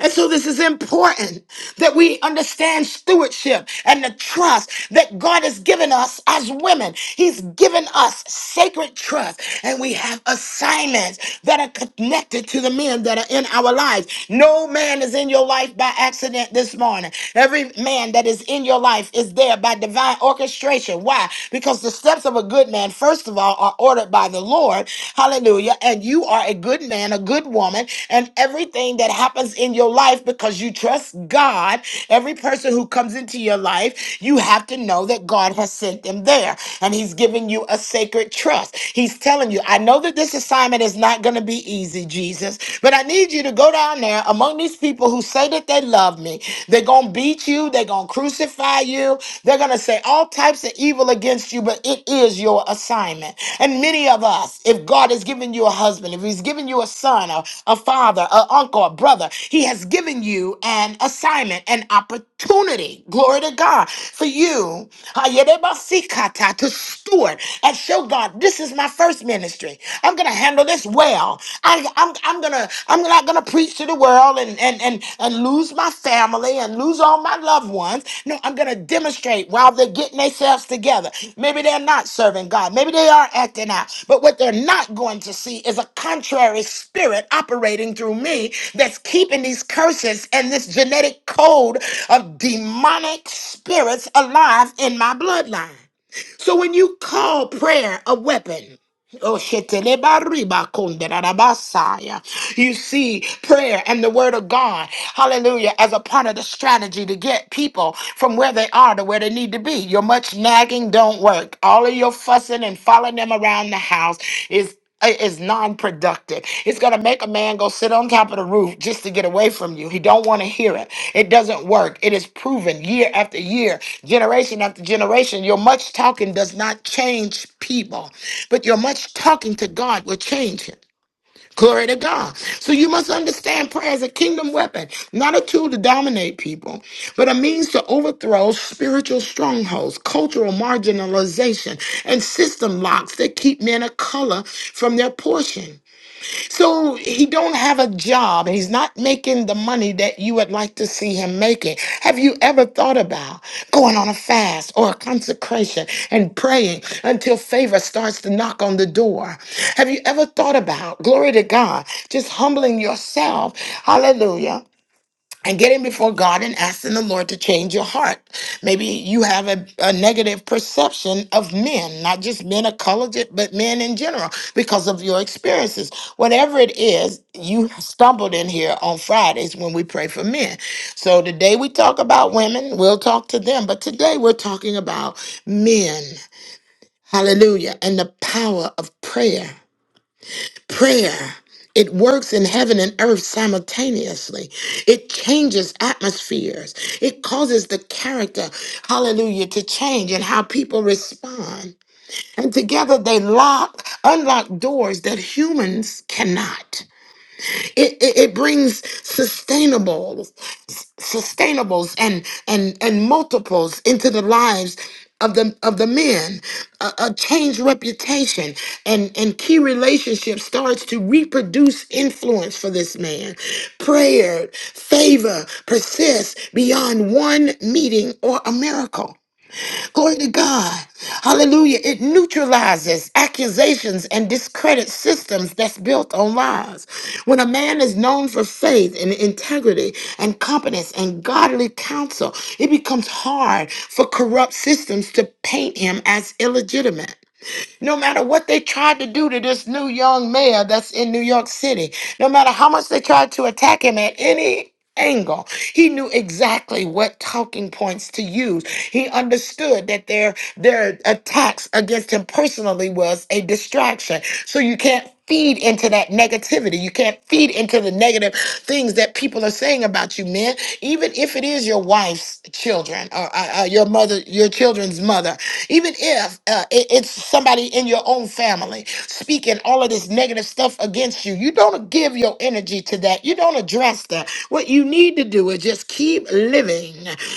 Speaker 1: And so this is important that we understand stewardship and the trust that God has given us as women. He's given us sacred trust and we have assignments that are connected to the men that are in our lives. No man is in your life by accident this morning. Every man that is in your life is there by divine orchestration. Why? Because the steps of a good man, first of all, are ordered ordered by the Lord. Hallelujah. And you are a good man, a good woman, and everything that happens in your life because you trust God, every person who comes into your life, you have to know that God has sent them there and He's giving you a sacred trust. He's telling you, I know that this assignment is not going to be easy, Jesus, but I need you to go down there among these people who say that they love me. They're going to beat you, They're going to crucify you. They're going to say all types of evil against you, but it is your assignment. And many of us, if God has given you a husband, if He's given you a son, a, a father, an uncle, a brother, He has given you an assignment, an opportunity, glory to God, for you Hayerebasikata, to steward and show God, this is my first ministry. I'm going to handle this well. I'm I'm gonna I'm not gonna preach to the world and and and and lose my family and lose all my loved ones. No, I'm gonna demonstrate while they're getting themselves together. Maybe they're not serving God. Maybe they are acting out. But what they're not going to see is a contrary spirit operating through me that's keeping these curses and this genetic code of demonic spirits alive in my bloodline. So when you call prayer a weapon, oh, shetelebaribakonderabasaya, you see prayer and the word of God, hallelujah, as a part of the strategy to get people from where they are to where they need to be. Your much nagging don't work. All of your fussing and following them around the house is is non-productive. It's gonna make a man go sit on top of the roof just to get away from you. He don't want to hear it. It doesn't work. It is proven year after year, generation after generation. Your much talking does not change people, but your much talking to God will change him. Glory to God. So you must understand prayer is a kingdom weapon, not a tool to dominate people, but a means to overthrow spiritual strongholds, cultural marginalization, and system locks that keep men of color from their portion. So he don't have a job and he's not making the money that you would like to see him making. Have you ever thought about going on a fast or a consecration and praying until favor starts to knock on the door? Have you ever thought about, glory to God, just humbling yourself? Hallelujah and getting before God and asking the Lord to change your heart. Maybe you have a, a negative perception of men, not just men of color, ju- but men in general, because of your experiences. Whatever it is, you stumbled in here on Fridays when we pray for men. So today we talk about women, we'll talk to them, but today we're talking about men. Hallelujah. And the power of prayer. Prayer. It works in heaven and earth simultaneously. It changes atmospheres. It causes the character, hallelujah, to change and how people respond. And together they lock, unlock doors that humans cannot. It, it, it brings sustainables, sustainables and and and multiples into the lives of the of the men. A, a changed reputation and and key relationship starts to reproduce influence for this man. Prayer, favor persists beyond one meeting or a miracle. Glory to God. Hallelujah. It neutralizes accusations and discredits systems that's built on lies. When a man is known for faith and integrity and competence and godly counsel, it becomes hard for corrupt systems to paint him as illegitimate. No matter what they tried to do to this new young mayor that's in New York City, no matter how much they tried to attack him at any angle, he knew exactly what talking points to use. He understood that their their attacks against him personally was a distraction. So you can't feed into that negativity. You can't feed into the negative things that people are saying about you, man. Even if it is your wife's children or uh, uh, your mother, your children's mother, even if uh, it- it's somebody in your own family speaking all of this negative stuff against you, you don't give your energy to that. You don't address that. What you need to do is just keep living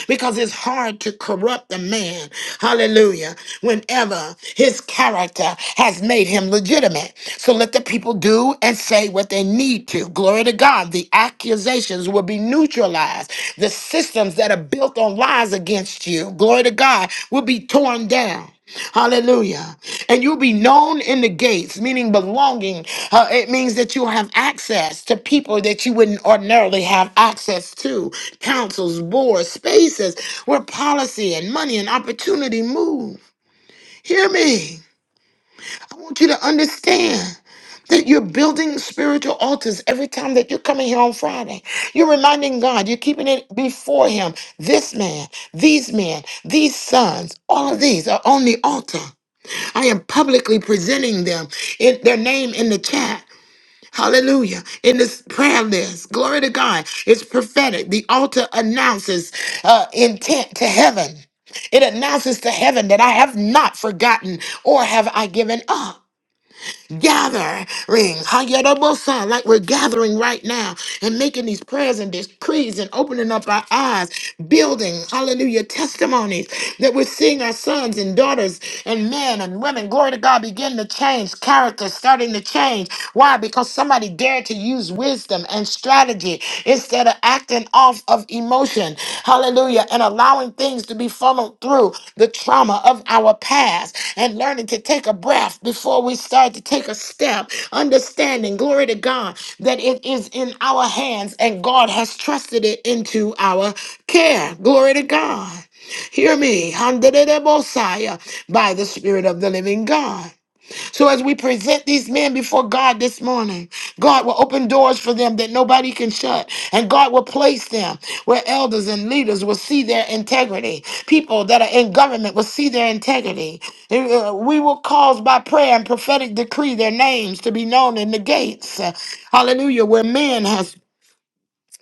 Speaker 1: because it's hard to corrupt a man. Hallelujah. Whenever his character has made him legitimate. So let the people do and say what they need to. Glory to God. The accusations will be neutralized. The systems that are built on lies against you, glory to God, will be torn down. Hallelujah. And you'll be known in the gates, meaning belonging. Uh, it means that you'll have access to people that you wouldn't ordinarily have access to councils, boards, spaces where policy and money and opportunity move. Hear me. I want you to understand that you're building spiritual altars every time that you're coming here on Friday. You're reminding God, you're keeping it before Him. This man, these men, these sons, all of these are on the altar. I am publicly presenting them in their name in the chat. Hallelujah. In this prayer list, glory to God. It's prophetic. The altar announces uh, intent to heaven. It announces to heaven that I have not forgotten or have I given up gatherings. Hayadabosa, Like we're gathering right now and making these prayers and decrees and opening up our eyes, building, hallelujah, testimonies that we're seeing our sons and daughters and men and women, glory to God, begin to change, character starting to change. Why? Because somebody dared to use wisdom and strategy instead of acting off of emotion. Hallelujah. And allowing things to be funneled through the trauma of our past and learning to take a breath before we start to take a step. Understanding, glory to God, that it is in our hands and God has trusted it into our care. Glory to God. Hear me, Handelebosaya, by the Spirit of the living God. So as we present these men before God this morning, God will open doors for them that nobody can shut. And God will place them where elders and leaders will see their integrity. People that are in government will see their integrity. Uh, uh, We will cause by prayer and prophetic decree their names to be known in the gates. Hallelujah. Where man has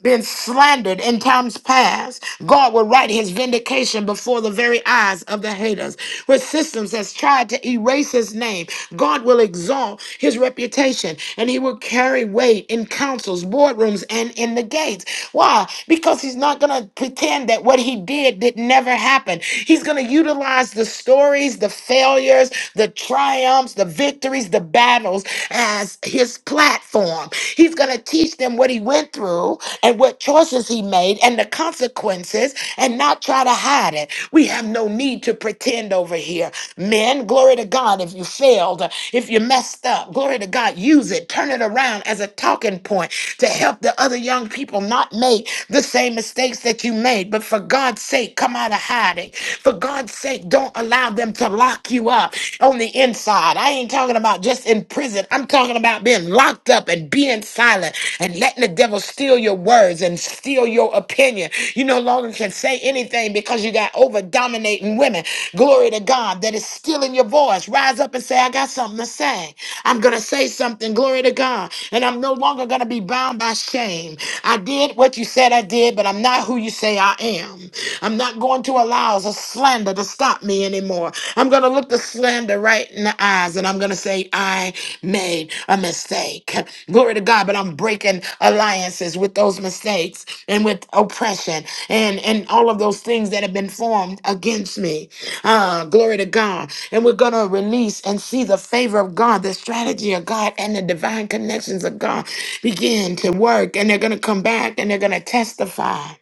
Speaker 1: been slandered in times past, God will write his vindication before the very eyes of the haters. Where systems has tried to erase his name, God will exalt his reputation and he will carry weight in councils, boardrooms, and in the gates. Why? Because he's not going to pretend that what he did did never happen. He's going to utilize the stories, the failures, the triumphs, the victories, the battles as his plan platform. He's going to teach them what he went through and what choices he made and the consequences and not try to hide it. We have no need to pretend over here. Men, glory to God, if you failed, if you messed up, glory to God, use it, turn it around as a talking point to help the other young people not make the same mistakes that you made. But for God's sake, come out of hiding. For God's sake, don't allow them to lock you up on the inside inside. I ain't talking about just in prison. I'm talking about being locked up and being silent and letting the devil steal your words and steal your opinion. You no longer can say anything because you got over dominating women. Glory to God that is stealing your voice. Rise up and say, I got something to say. I'm going to say something. Glory to God. And I'm no longer going to be bound by shame. I did what you said I did, but I'm not who you say I am. I'm not going to allow a slander to stop me anymore. I'm going to look the slander right in the eyes and I'm going to say, I made a mistake. Glory to God, but I'm breaking alliances with those mistakes and with oppression and, and all of those things that have been formed against me. Uh, glory to God. And we're going to release and see the favor of God, the strategy of God, and the divine connections of God begin to work. And they're going to come back and they're going to testify.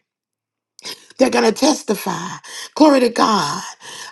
Speaker 1: They're going to testify. Glory to God.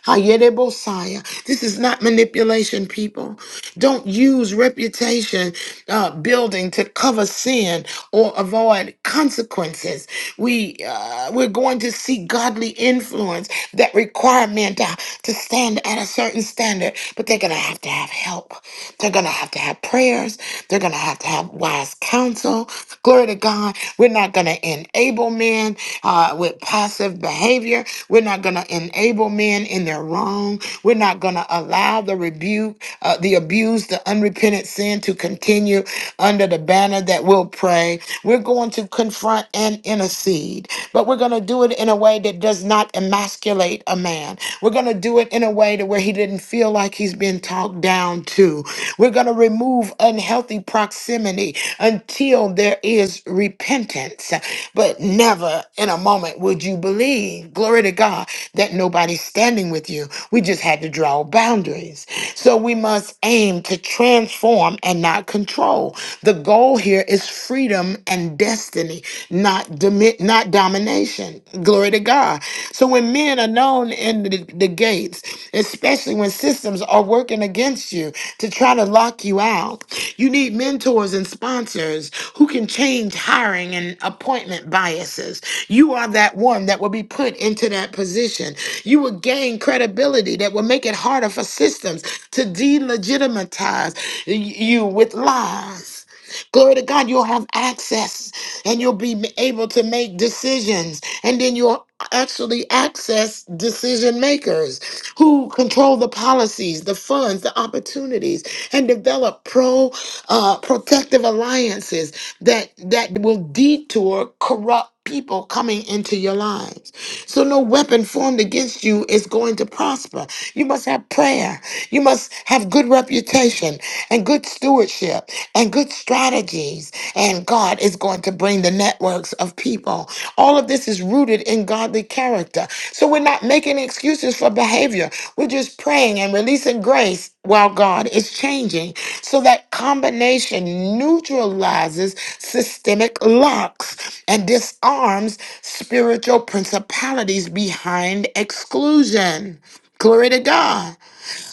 Speaker 1: Hayedebosaya. This is not manipulation, people. Don't use reputation uh, building to cover sin or avoid consequences. We uh, we're going to seek godly influence that require men to, to stand at a certain standard, but they're gonna have to have help. They're gonna have to have prayers. They're gonna have to have wise counsel. Glory to God. We're not gonna enable men uh, with passive behavior. We're not not going to enable men in their wrong. We're not going to allow the rebuke, uh, the abuse, the unrepentant sin to continue under the banner that we'll pray. We're going to confront and intercede, but we're going to do it in a way that does not emasculate a man. We're going to do it in a way to where he didn't feel like he's been talked down to. We're going to remove unhealthy proximity until there is repentance. But never in a moment would you believe believe, glory to God, that nobody's standing with you. We just had to draw boundaries. So we must aim to transform and not control. The goal here is freedom and destiny, not domi- not domination. Glory to God. So when men are known in the, the gates, especially when systems are working against you to try to lock you out, you need mentors and sponsors who can change hiring and appointment biases. You are that one that will be put into that position. You will gain credibility that will make it harder for systems to delegitimize y- you with lies. Glory to God, you'll have access and you'll be able to make decisions. And then you'll actually access decision makers who control the policies, the funds, the opportunities, and develop pro uh, protective alliances that that will detour corrupt people coming into your lives. So no weapon formed against you is going to prosper. You must have prayer. You must have good reputation and good stewardship and good strategies. And God is going to bring the networks of people. All of this is rooted in godly character. So we're not making excuses for behavior. We're just praying and releasing grace while God is changing. So that combination neutralizes systemic locks and disarms spiritual principalities behind exclusion. Glory to God.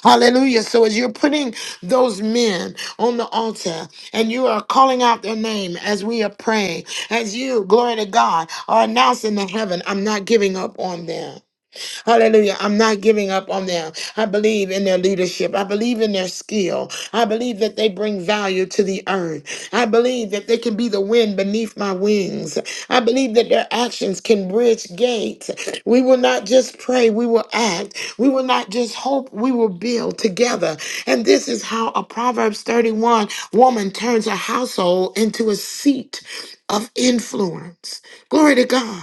Speaker 1: Hallelujah. So as you're putting those men on the altar and you are calling out their name as we are praying, as you, glory to God, are announcing to heaven, I'm not giving up on them. Hallelujah. I'm not giving up on them. I believe in their leadership. I believe in their skill. I believe that they bring value to the earth. I believe that they can be the wind beneath my wings. I believe that their actions can bridge gates. We will not just pray, we will act. We will not just hope, we will build together. And this is how a Proverbs 31 woman turns a household into a seat of influence. Glory to God.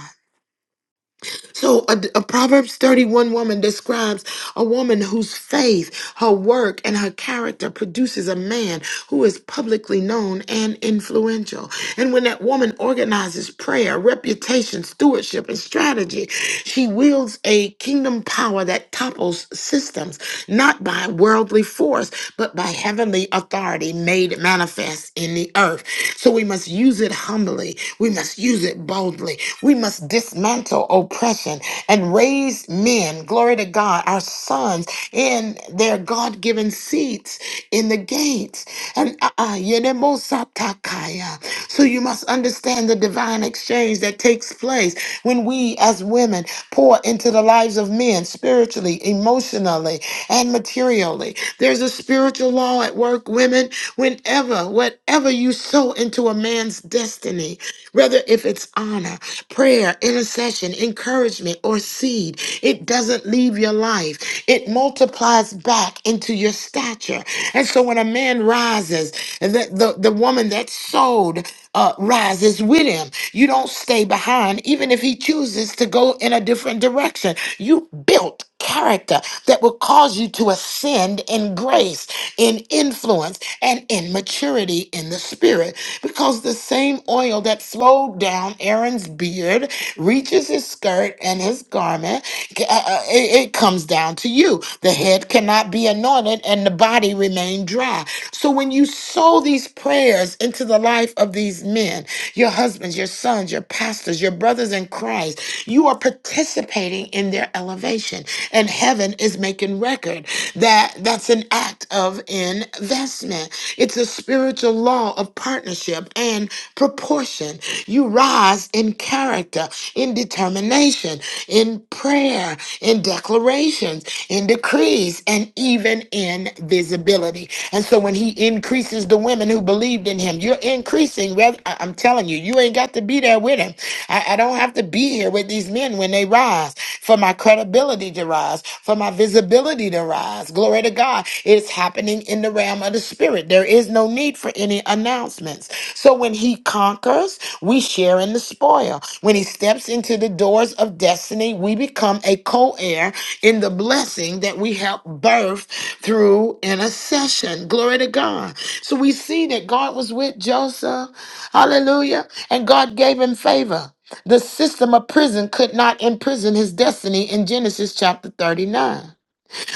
Speaker 1: So a, a Proverbs 31 woman describes a woman whose faith, her work, and her character produces a man who is publicly known and influential. And when that woman organizes prayer, reputation, stewardship, and strategy, she wields a kingdom power that topples systems, not by worldly force, but by heavenly authority made manifest in the earth. So we must use it humbly. We must use it boldly. We must dismantle oppression and raise men children, glory to God, our sons in their God given seats in the gates. And uh, uh, yenemosatakaya. so you must understand the divine exchange that takes place when we as women pour into the lives of men spiritually, emotionally, and materially. There's a spiritual law at work, women. Whenever, whatever you sow into a man's destiny, whether if it's honor, prayer, intercession, encouragement, or seed. It doesn't leave your life, it multiplies back into your stature. And so when a man rises, and the, the, the woman that sowed uh, rises with him. You don't stay behind, even if he chooses to go in a different direction. You built character that will cause you to ascend in grace, in influence, and in maturity in the spirit. Because the same oil that flowed down Aaron's beard reaches his skirt and his garment, uh, uh, it, it comes down to you. The head cannot be anointed and the body remain dry. So when you sow these prayers into the life of these men, your husbands, your sons, your pastors, your brothers in Christ, you are participating operating in their elevation. And heaven is making record that that's an act of investment. It's a spiritual law of partnership and proportion. You rise in character, in determination, in prayer, in declarations, in decrees, and even in visibility. And so when he increases the women who believed in him, you're increasing. rev- I- I'm telling you, you ain't got to be there with him. I, I don't have to be here with with these men when they rise, for my credibility to rise, for my visibility to rise. Glory to God. It's happening in the realm of the spirit. There is no need for any announcements. So when he conquers, we share in the spoil. When he steps into the doors of destiny, we become a co heir in the blessing that we help birth through intercession. Glory to God. So we see that God was with Joseph. Hallelujah. And God gave him favor. The system of prison could not imprison his destiny in Genesis chapter 39.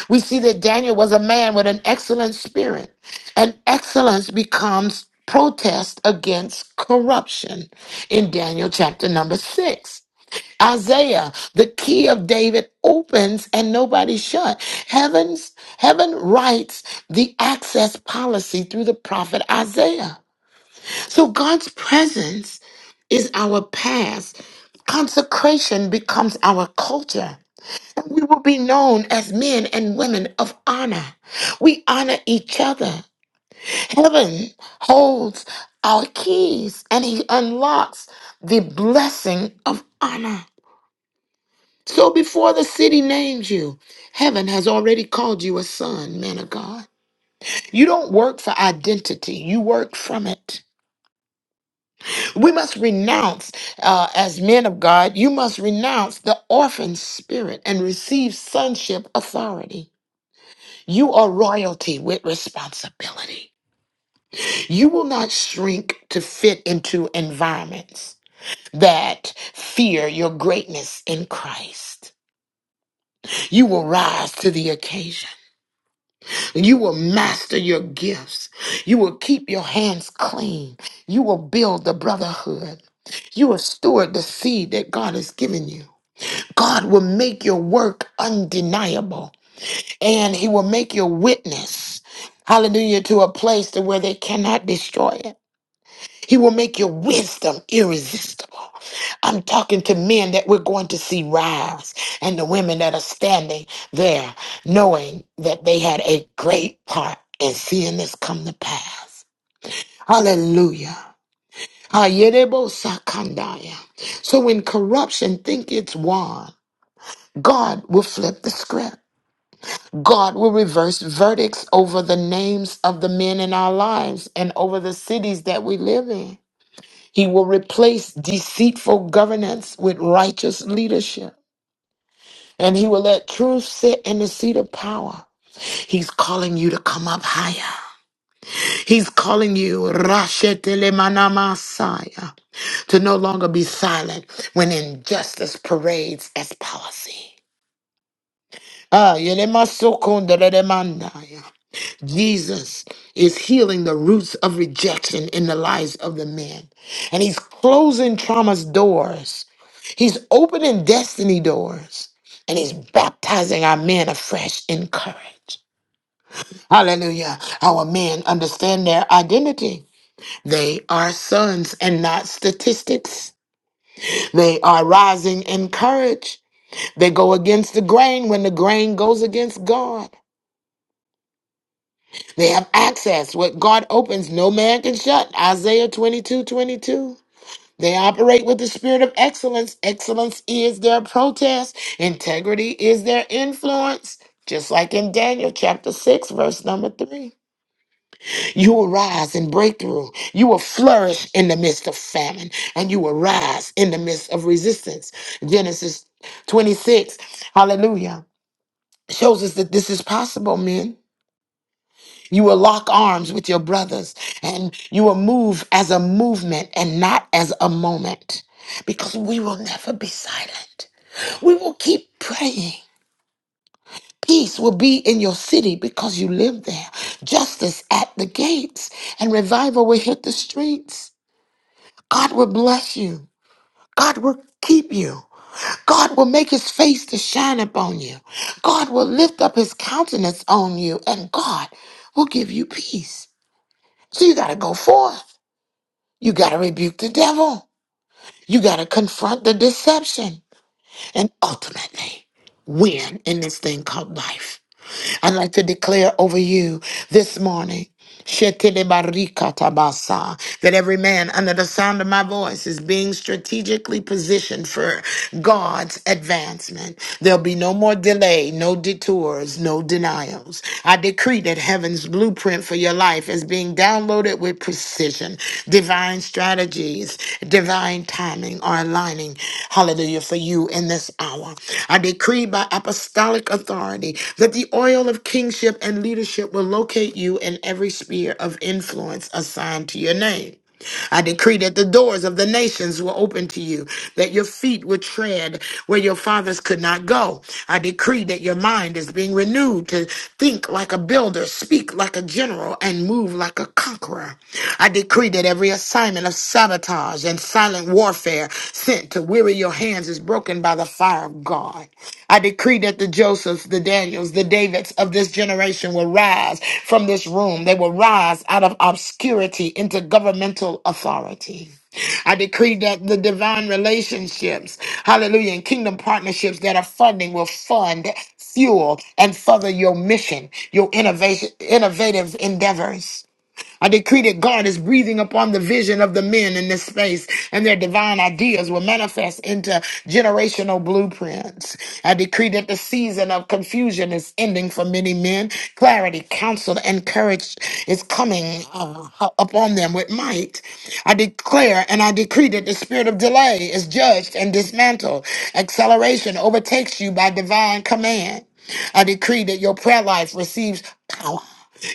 Speaker 1: We see that Daniel was a man with an excellent spirit, and excellence becomes protest against corruption in Daniel chapter number 6. Isaiah, the key of David opens and nobody shut. Heavens, heaven writes the access policy through the prophet Isaiah. So God's presence is our past Consecration becomes our culture. and We will be known as men and women of honor. We honor each other. Heaven holds our keys and he unlocks the blessing of honor. So before the city names you, heaven has already called you a son, man of God. You don't work for identity, you work from it. We must renounce, uh, as men of God, you must renounce the orphan spirit and receive sonship authority. You are royalty with responsibility. You will not shrink to fit into environments that fear your greatness in Christ. You will rise to the occasion. You will master your gifts. You will keep your hands clean. You will build the brotherhood. You will steward the seed that God has given you. God will make your work undeniable and he will make your witness, hallelujah, to a place to where they cannot destroy it. He will make your wisdom irresistible. I'm talking to men that we're going to see rise and the women that are standing there knowing that they had a great part in seeing this come to pass. Hallelujah. Hayerebo sakandaya. So when corruption think it's won, God will flip the script. God will reverse verdicts over the names of the men in our lives and over the cities that we live in. He will replace deceitful governance with righteous leadership. And he will let truth sit in the seat of power. He's calling you to come up higher. He's calling you Rashetelemanamasiah, to no longer be silent when injustice parades as policy. Ah, yelemasokondelelemandaya. Jesus is healing the roots of rejection in the lives of the men. And he's closing trauma's doors. He's opening destiny doors. And he's baptizing our men afresh in courage. Hallelujah. Our men understand their identity. They are sons and not statistics. They are rising in courage. They go against the grain when the grain goes against God. They have access. What God opens, no man can shut. Isaiah 22, 22. They operate with the spirit of excellence. Excellence is their protest, integrity is their influence. Just like in Daniel chapter 6, verse number 3. You will rise in breakthrough. You will flourish in the midst of famine, and you will rise in the midst of resistance. Genesis 26, hallelujah, shows us that this is possible, men. You will lock arms with your brothers and you will move as a movement and not as a moment because we will never be silent. We will keep praying. Peace will be in your city because you live there. Justice at the gates and revival will hit the streets. God will bless you. God will keep you. God will make his face to shine upon you. God will lift up his countenance on you and God will give you peace. So you got to go forth. You got to rebuke the devil. You got to confront the deception and ultimately win in this thing called life. I'd like to declare over you this morning. Shetelebarikatabasa, That every man under the sound of my voice is being strategically positioned for God's advancement. There'll be no more delay, no detours, no denials. I decree that heaven's blueprint for your life is being downloaded with it with precision. Divine strategies, divine timing are aligning, hallelujah, for you in this hour. I decree by apostolic authority that the oil of kingship and leadership will locate you in every sphere of influence assigned to your name. I decree that the doors of the nations will open to you, that your feet will tread where your fathers could not go. I decree that your mind is being renewed to think like a builder, speak like a general, and move like a conqueror. I decree that every assignment of sabotage and silent warfare sent to weary your hands is broken by the fire of God. I decree that the Josephs, the Daniels, the Davids of this generation will rise from this room. They will rise out of obscurity into governmental authority. I decree that the divine relationships, hallelujah, and kingdom partnerships that are funding will fund, fuel, and further your mission, your innovation, innovative endeavors. I decree that God is breathing upon the vision of the men in this space, and their divine ideas will manifest into generational blueprints. I decree that the season of confusion is ending for many men. Clarity, counsel, and courage is coming uh, upon them with might. I declare and I decree that the spirit of delay is judged and dismantled. Acceleration overtakes you by divine command. I decree that your prayer life receives power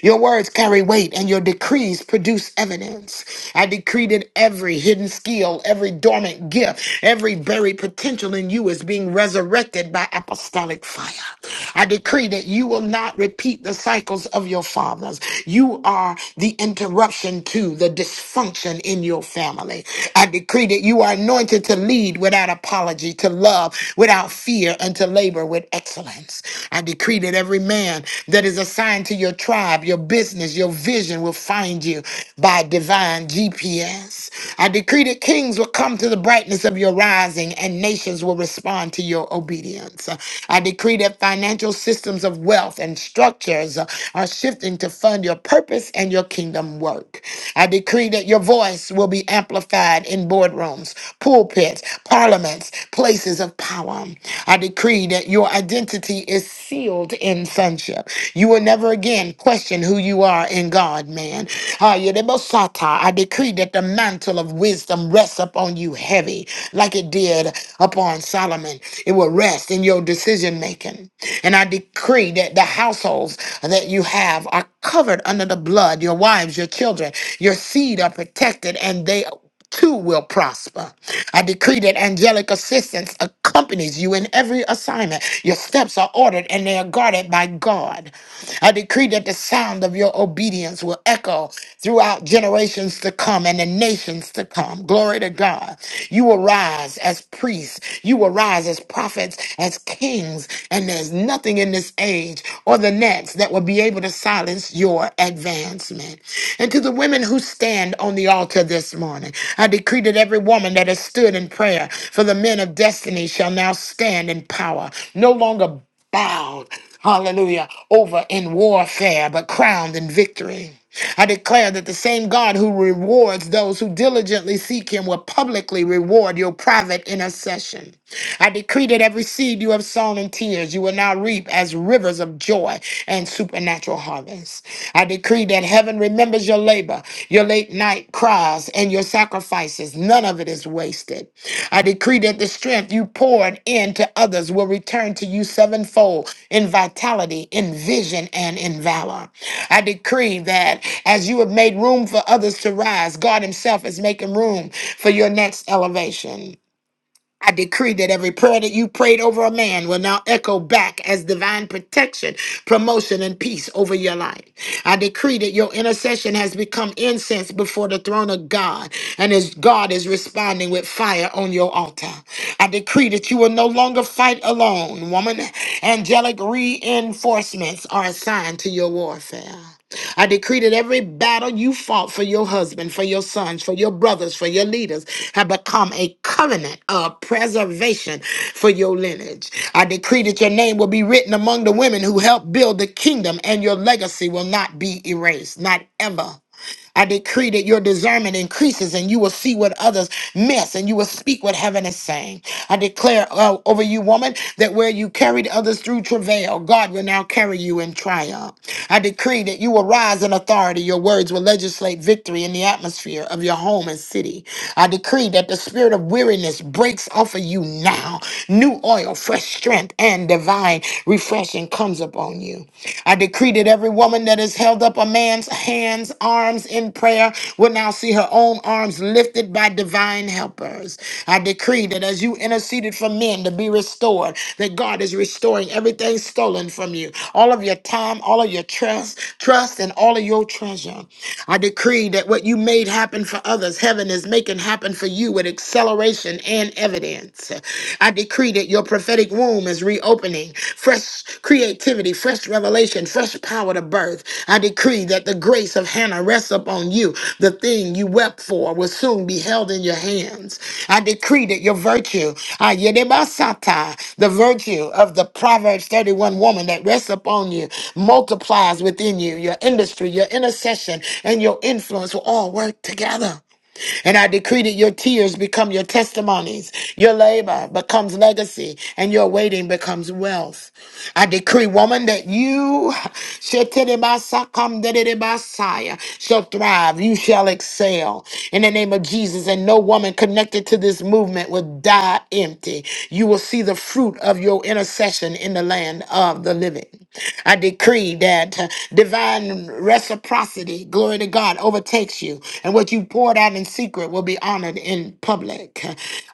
Speaker 1: your words carry weight and your decrees produce evidence. I decree that every hidden skill, every dormant gift, every buried potential in you is being resurrected by apostolic fire. I decree that you will not repeat the cycles of your fathers. You are the interruption to the dysfunction in your family. I decree that you are anointed to lead without apology, to love without fear, and to labor with excellence lines. I decree that every man that is assigned to your tribe, your business, your vision will find you by divine GPS. I decree that kings will come to the brightness of your rising and nations will respond to your obedience. I decree that financial systems of wealth and structures are shifting to fund your purpose and your kingdom work. I decree that your voice will be amplified in boardrooms, pulpits, parliaments, places of power. I decree that your identity is sealed in sonship. You will never again question who you are in God, man. Ah, Yedebosata, I decree that the mantle of wisdom rests upon you heavy, like it did upon Solomon. It will rest in your decision making. And I decree that the households that you have are covered under the blood. Your wives, your children, your seed are protected, and they too will prosper. I decree that angelic assistance accompanies you in every assignment. Your steps are ordered and they are guarded by God. I decree that the sound of your obedience will echo throughout generations to come and the nations to come. Glory to God. You will rise as priests, you will rise as prophets, as kings, and there's nothing in this age or the next that will be be able to silence your advancement. And to the women who stand on the altar this morning, I decree that every woman that has stood in prayer for the men of destiny shall now stand in power, no longer bowed, hallelujah, over in warfare, but crowned in victory. I declare that the same God who rewards those who diligently seek him will publicly reward your private intercession. I decree that every seed you have sown in tears, you will now reap as rivers of joy and supernatural harvest. I decree that heaven remembers your labor, your late night cries, and your sacrifices. None of it is wasted. I decree that the strength you poured into others will return to you sevenfold in vitality, in vision, and in valor. I decree that as you have made room for others to rise, God Himself is making room for your next elevation. I decree that every prayer that you prayed over a man will now echo back as divine protection, promotion, and peace over your life. I decree that your intercession has become incense before the throne of God, and as God is responding with fire on your altar. I decree that you will no longer fight alone, woman. Angelic reinforcements are assigned to your warfare. I decree that every battle you fought for your husband, for your sons, for your brothers, for your leaders have become a covenant of preservation for your lineage. I decree that your name will be written among the women who helped build the kingdom and your legacy will not be erased, not ever. I decree that your discernment increases and you will see what others miss and you will speak what heaven is saying. I declare uh, over you, woman, that where you carried others through travail, God will now carry you in triumph. I decree that you will rise in authority. Your words will legislate victory in the atmosphere of your home and city. I decree that the spirit of weariness breaks off of you now. New oil, fresh strength, and divine refreshing comes upon you upon you. I decree that every woman that has held up a man's hands, arms in prayer will now see her own arms lifted by divine helpers. I decree that as you interceded for men to be restored, that God is restoring everything stolen from you, all of your time, all of your trust, trust, and all of your treasure. I decree that what you made happen for others, heaven is making happen for you with acceleration and evidence. I decree that your prophetic womb is reopening, fresh creativity, fresh revelation, fresh power to birth. I decree that the grace of Hannah rests upon you. The thing you wept for will soon be held in your hands. I decree that your virtue, ah, yedebasata, the virtue of the Proverbs 31 woman that rests upon you, multiplies within you. Your industry, your intercession, and your influence will all work together. And I decree that your tears become your testimonies, your labor becomes legacy, and your waiting becomes wealth. I decree, woman, that you shall thrive, you shall excel in the name of Jesus, and no woman connected to this movement will die empty. You will see the fruit of your intercession in the land of the living. I decree that divine reciprocity, glory to God, overtakes you. And what you poured out in secret will be honored in public.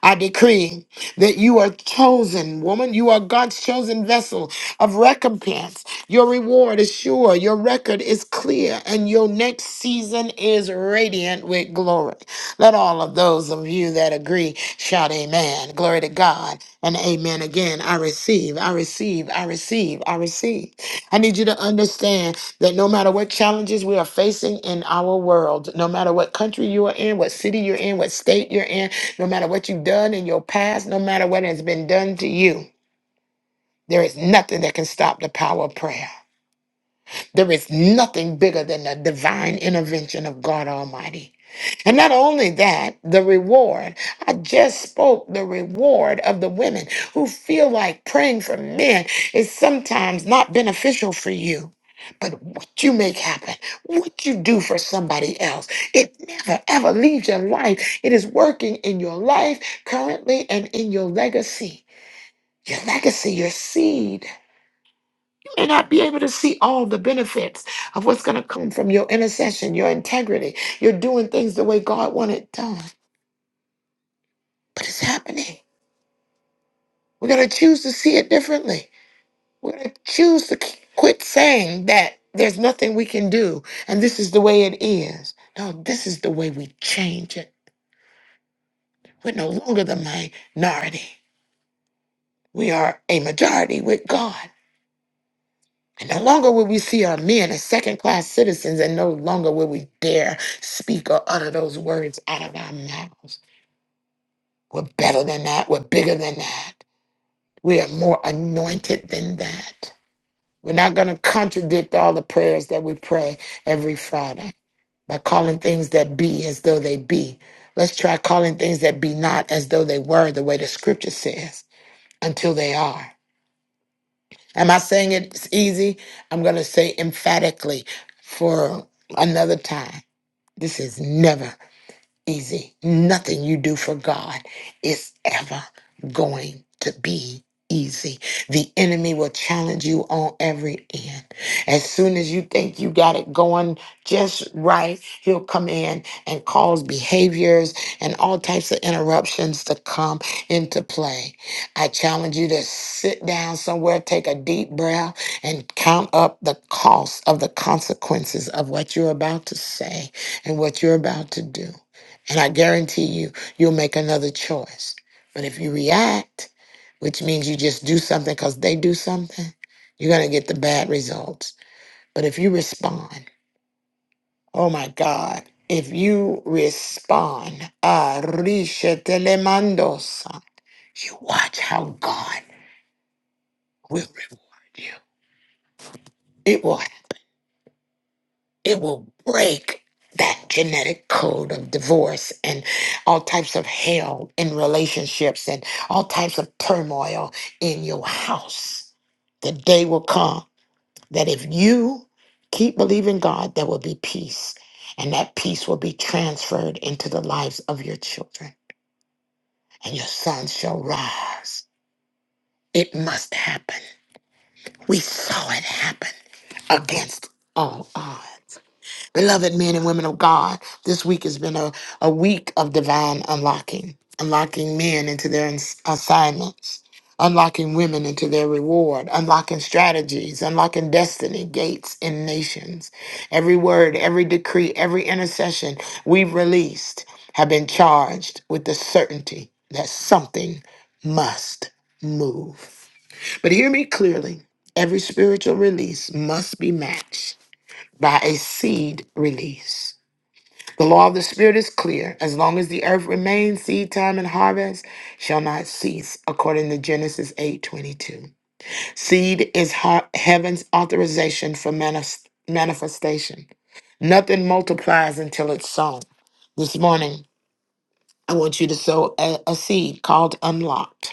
Speaker 1: I decree that you are chosen, woman. You are God's chosen vessel of recompense. Your reward is sure, your record is clear, and your next season is radiant with glory. Let all of those of you that agree shout amen. Glory to God and amen again. I receive, I receive, I receive, I receive. I need you to understand that no matter what challenges we are facing in our world, no matter what country you are in, what city you're in, what state you're in, no matter what you've done in your past, no matter what has been done to you, there is nothing that can stop the power of prayer. There is nothing bigger than the divine intervention of God Almighty. And not only that, the reward. I just spoke the reward of the women who feel like praying for men is sometimes not beneficial for you. But what you make happen, what you do for somebody else, it never ever leaves your life. It is working in your life currently and in your legacy. Your legacy, your seed may not be able to see all the benefits of what's going to come from your intercession, your integrity. You're doing things the way God wanted done, but it's happening. We're going to choose to see it differently. We're going to choose to qu- quit saying that there's nothing we can do and this is the way it is. No, this is the way we change it. We're no longer the minority. We are a majority with God. And no longer will we see our men as second class citizens, and no longer will we dare speak or utter those words out of our mouths. We're better than that. We're bigger than that. We are more anointed than that. We're not going to contradict all the prayers that we pray every Friday by calling things that be as though they be. Let's try calling things that be not as though they were, the way the scripture says, until they are. Am I saying it's easy? I'm going to say emphatically for another time. This is never easy. Nothing you do for God is ever going to be easy. The enemy will challenge you on every end. As soon as you think you got it going just right, he'll come in and cause behaviors and all types of interruptions to come into play. I challenge you to sit down somewhere, take a deep breath, and count up the cost of the consequences of what you're about to say and what you're about to do. And I guarantee you, you'll make another choice. But if you react, which means you just do something because they do something, you're going to get the bad results. But if you respond, oh my God, if you respond, ah, "Arishe telemandosa," you watch how God will reward you. It will. it will break that genetic code of divorce and all types of hell in relationships and all types of turmoil in your house. The day will come that if you keep believing God, there will be peace. And that peace will be transferred into the lives of your children, and your sons shall rise. It must happen. We saw it happen against all odds. Beloved men and women of God, this week has been a, a week of divine unlocking, unlocking men into their ins- assignments, unlocking women into their reward, unlocking strategies, unlocking destiny, gates, and nations. Every word, every decree, every intercession we've released have been charged with the certainty that something must move. But hear me clearly every spiritual release must be matched by a seed release. The law of the Spirit is clear. As long as the earth remains, seed time and harvest shall not cease, according to Genesis 8:22. Seed is hea- heaven's authorization for manis- manifestation. Nothing multiplies until it's sown. This morning, I want you to sow a, a seed called unlocked.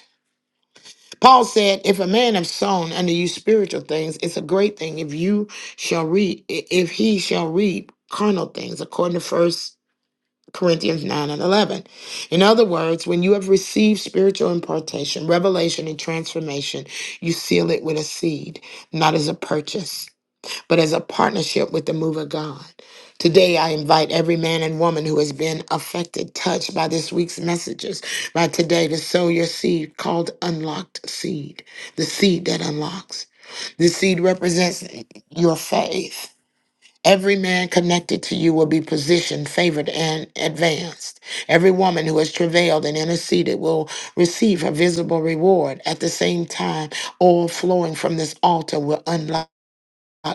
Speaker 1: Paul said, If a man have sown unto you spiritual things, it's a great thing if you shall reap, if he shall reap carnal things, according to first Corinthians 9 and 11. In other words, when you have received spiritual impartation, revelation, and transformation, you seal it with a seed, not as a purchase but as a partnership with the move of God. Today, I invite every man and woman who has been affected, touched by this week's messages, by today, to sow your seed called unlocked seed, the seed that unlocks. The seed represents your faith. Every man connected to you will be positioned, favored, and advanced. Every woman who has travailed and interceded will receive her visible reward. At the same time, oil flowing from this altar will unlock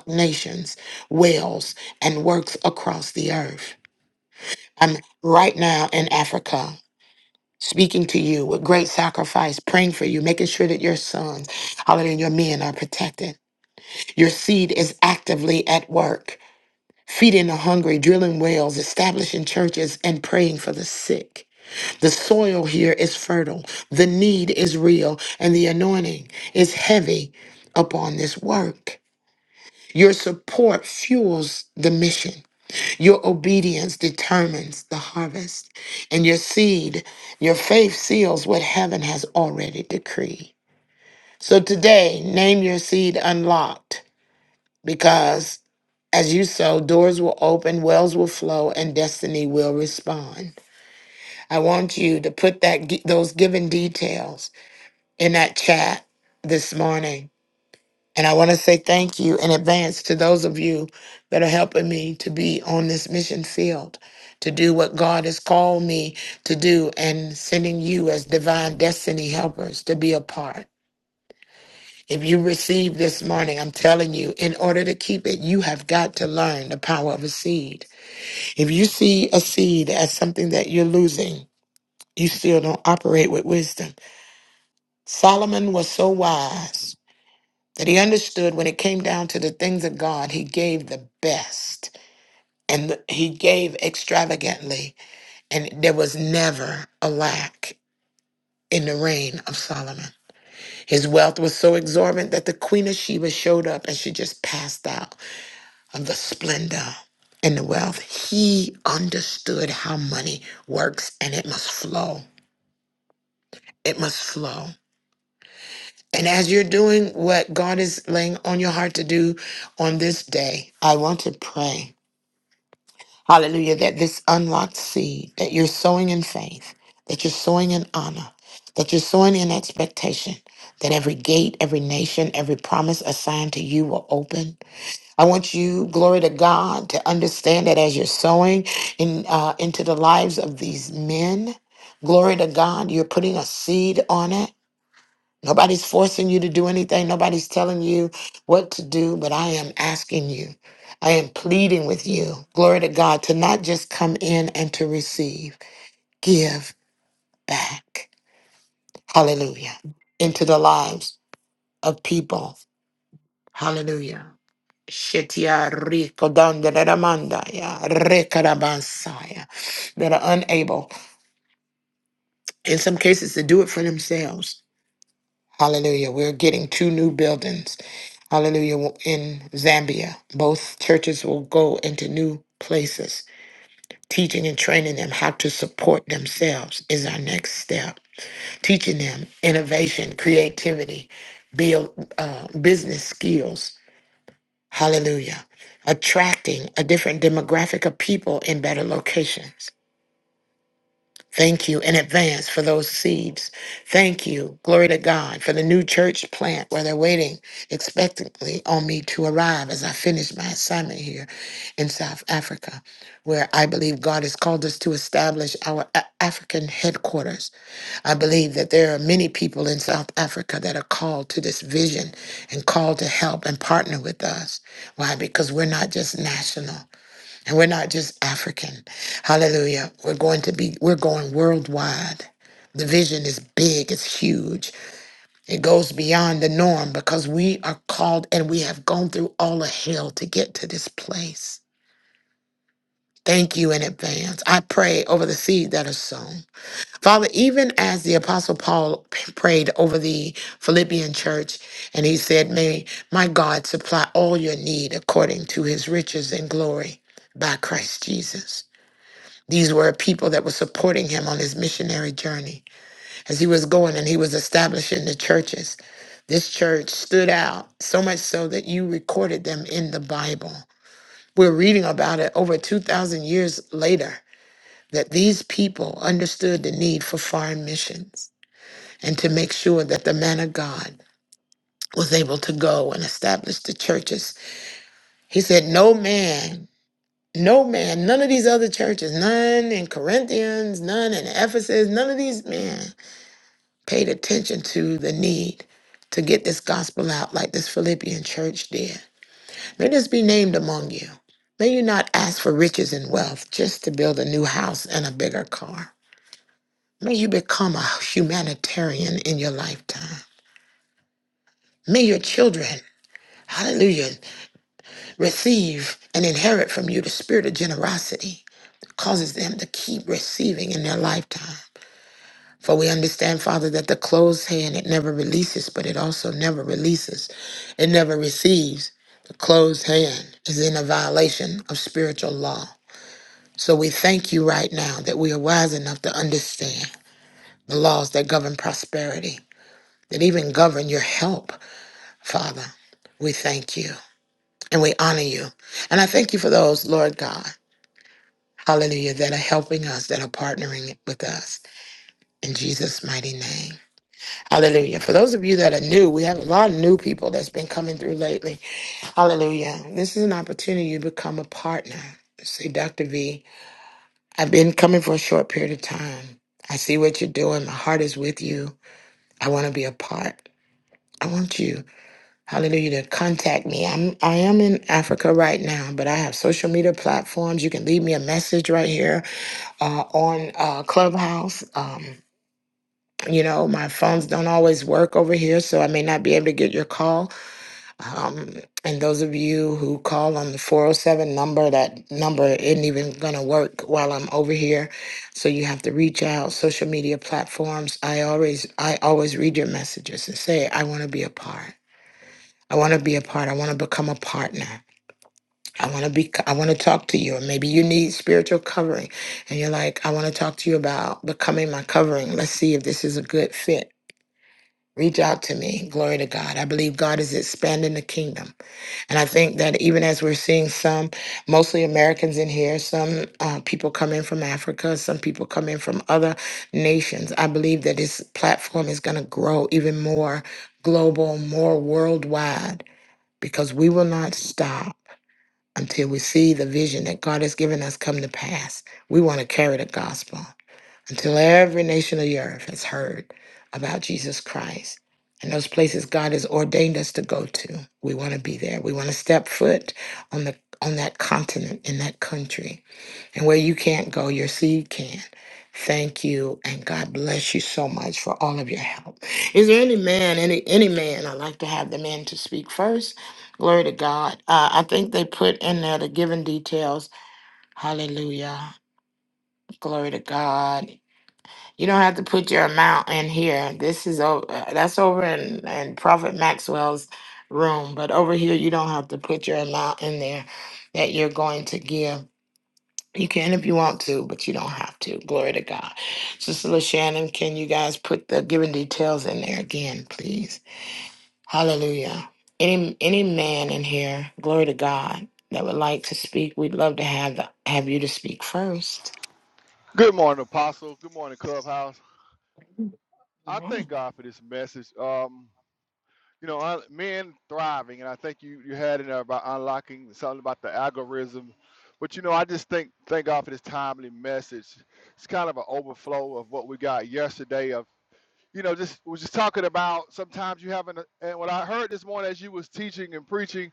Speaker 1: nations, wells, and works across the earth. I'm right now in Africa. Speaking to you with great sacrifice, praying for you, making sure that your sons, hallelujah, and your men are protected. Your seed is actively at work, feeding the hungry, drilling wells, establishing churches, and praying for the sick. The soil here is fertile, the need is real, and the anointing is heavy upon this work. Your support fuels the mission. Your obedience determines the harvest, and your seed, your faith seals what heaven has already decreed. So today, name your seed unlocked because as you sow, doors will open, wells will flow, and destiny will respond. I want you to put that those given details in that chat this morning And I want to say thank you in advance to those of you that are helping me to be on this mission field, to do what God has called me to do, and sending you as divine destiny helpers to be a part. If you receive this morning, I'm telling you, in order to keep it, you have got to learn the power of a seed. If you see a seed as something that you're losing, you still don't operate with wisdom. Solomon was so wise that he understood when it came down to the things of God, he gave the best and th- he gave extravagantly, and there was never a lack in the reign of Solomon. His wealth was so exorbitant that the Queen of Sheba showed up and she just passed out of the splendor and the wealth. He understood how money works and it must flow. It must flow. And as you're doing what God is laying on your heart to do on this day, I want to pray Hallelujah. That this unlocked seed that you're sowing in faith, that you're sowing in honor, that you're sowing in expectation, that every gate, every nation, every promise assigned to you will open. I want you, glory to God, to understand that as you're sowing in uh, into the lives of these men, glory to God, you're putting a seed on it Nobody's forcing you to do anything. Nobody's telling you what to do, but I am asking you. I am pleading with you, glory to God, to not just come in and to receive, give back. Hallelujah. Into the lives of people. Hallelujah. Shetia rico danda da da manda ya, reka da bansa ya, That are unable, in some cases, to do it for themselves Hallelujah. We're getting two new buildings. Hallelujah. In Zambia, both churches will go into new places. Teaching and training them how to support themselves is our next step. Teaching them innovation, creativity, build, uh, business skills. Hallelujah. Attracting a different demographic of people in better locations. Thank you in advance for those seeds. Thank you, glory to God, for the new church plant where they're waiting expectantly on me to arrive as I finish my assignment here in South Africa, where I believe God has called us to establish our A- African headquarters. I believe that there are many people in South Africa that are called to this vision and called to help and partner with us. Why? Because we're not just national. And we're not just African. Hallelujah. We're going to be, we're going worldwide. The vision is big, it's huge. It goes beyond the norm because we are called and we have gone through all of hell to get to this place. Thank you in advance. I pray over the seed that is sown. Father, even as the Apostle Paul p- prayed over the Philippian church, and he said, May my God supply all your need according to his riches and glory by Christ Jesus. These were people that were supporting him on his missionary journey as he was going and he was establishing the churches. This church stood out so much so that you recorded them in the Bible. We're reading about it over 2,000 years later that these people understood the need for foreign missions and to make sure that the man of God was able to go and establish the churches. He said, No man No man, none of these other churches, none in Corinthians, none in Ephesus, none of these men paid attention to the need to get this gospel out like this Philippian church did. May this be named among you. May you not ask for riches and wealth just to build a new house and a bigger car. May you become a humanitarian in your lifetime. May your children, hallelujah, receive and inherit from you the spirit of generosity that causes them to keep receiving in their lifetime. For we understand, Father, that the closed hand, it never releases, but it also never releases. It never receives. The closed hand is in a violation of spiritual law. So we thank you right now that we are wise enough to understand the laws that govern prosperity, that even govern your help, Father. We thank you and we honor you. And I thank you for those, Lord God, hallelujah, that are helping us, that are partnering with us. In Jesus' mighty name. Hallelujah. For those of you that are new, we have a lot of new people that's been coming through lately. Hallelujah. This is an opportunity to become a partner. Say, Dr. V, I've been coming for a short period of time. I see what you're doing. My heart is with you. I want to be a part. I want you, hallelujah, to contact me. I'm I am in Africa right now, but I have social media platforms. You can leave me a message right here uh, on uh, Clubhouse. Um, you know, my phones don't always work over here, so I may not be able to get your call Um, and those of you who call on the 407 number, that number isn't even going to work while I'm over here. So you have to reach out social media platforms. I always I always read your messages and say I want to be a part. I want to be a part. I want to become a partner. I want to be I want to talk to you. Or maybe you need spiritual covering and you're like I want to talk to you about becoming my covering. Let's see if this is a good fit. Reach out to me. Glory to God. I believe God is expanding the kingdom. And I think that even as we're seeing some, mostly Americans in here, some uh, people come in from Africa, some people come in from other nations, I believe that this platform is going to grow even more global, more worldwide, because we will not stop until we see the vision that God has given us come to pass. We want to carry the gospel until every nation of the earth has heard about Jesus Christ. And those places God has ordained us to go to, we want to be there. We want to step foot on the on that continent in that country. And where you can't go, your seed can. Thank you, and God bless you so much for all of your help. Is there any man, any any man? I'd like to have the man to speak first. Glory to God. Uh, I think they put in there the giving details. Hallelujah. Glory to God. You don't have to put your amount in here. This is over. That's over in in Prophet Maxwell's room, but over here you don't have to put your amount in there that you're going to give. You can if you want to, but you don't have to. Glory to God. Sister LaShannon, can you guys put the giving details in there again, please? Hallelujah. Any any man in here, glory to God, that would like to speak, we'd love to have the, have you to speak first.
Speaker 18: Good morning, Apostle. Good morning, Clubhouse. I
Speaker 1: Amen.
Speaker 18: thank God for this message. Um, you know, I, men thriving, and I think you you had in there about unlocking something about the algorithm. But you know, I just think thank God for this timely message. It's kind of an overflow of what we got yesterday. Of you know, just we was just talking about sometimes you have an and what I heard this morning as you was teaching and preaching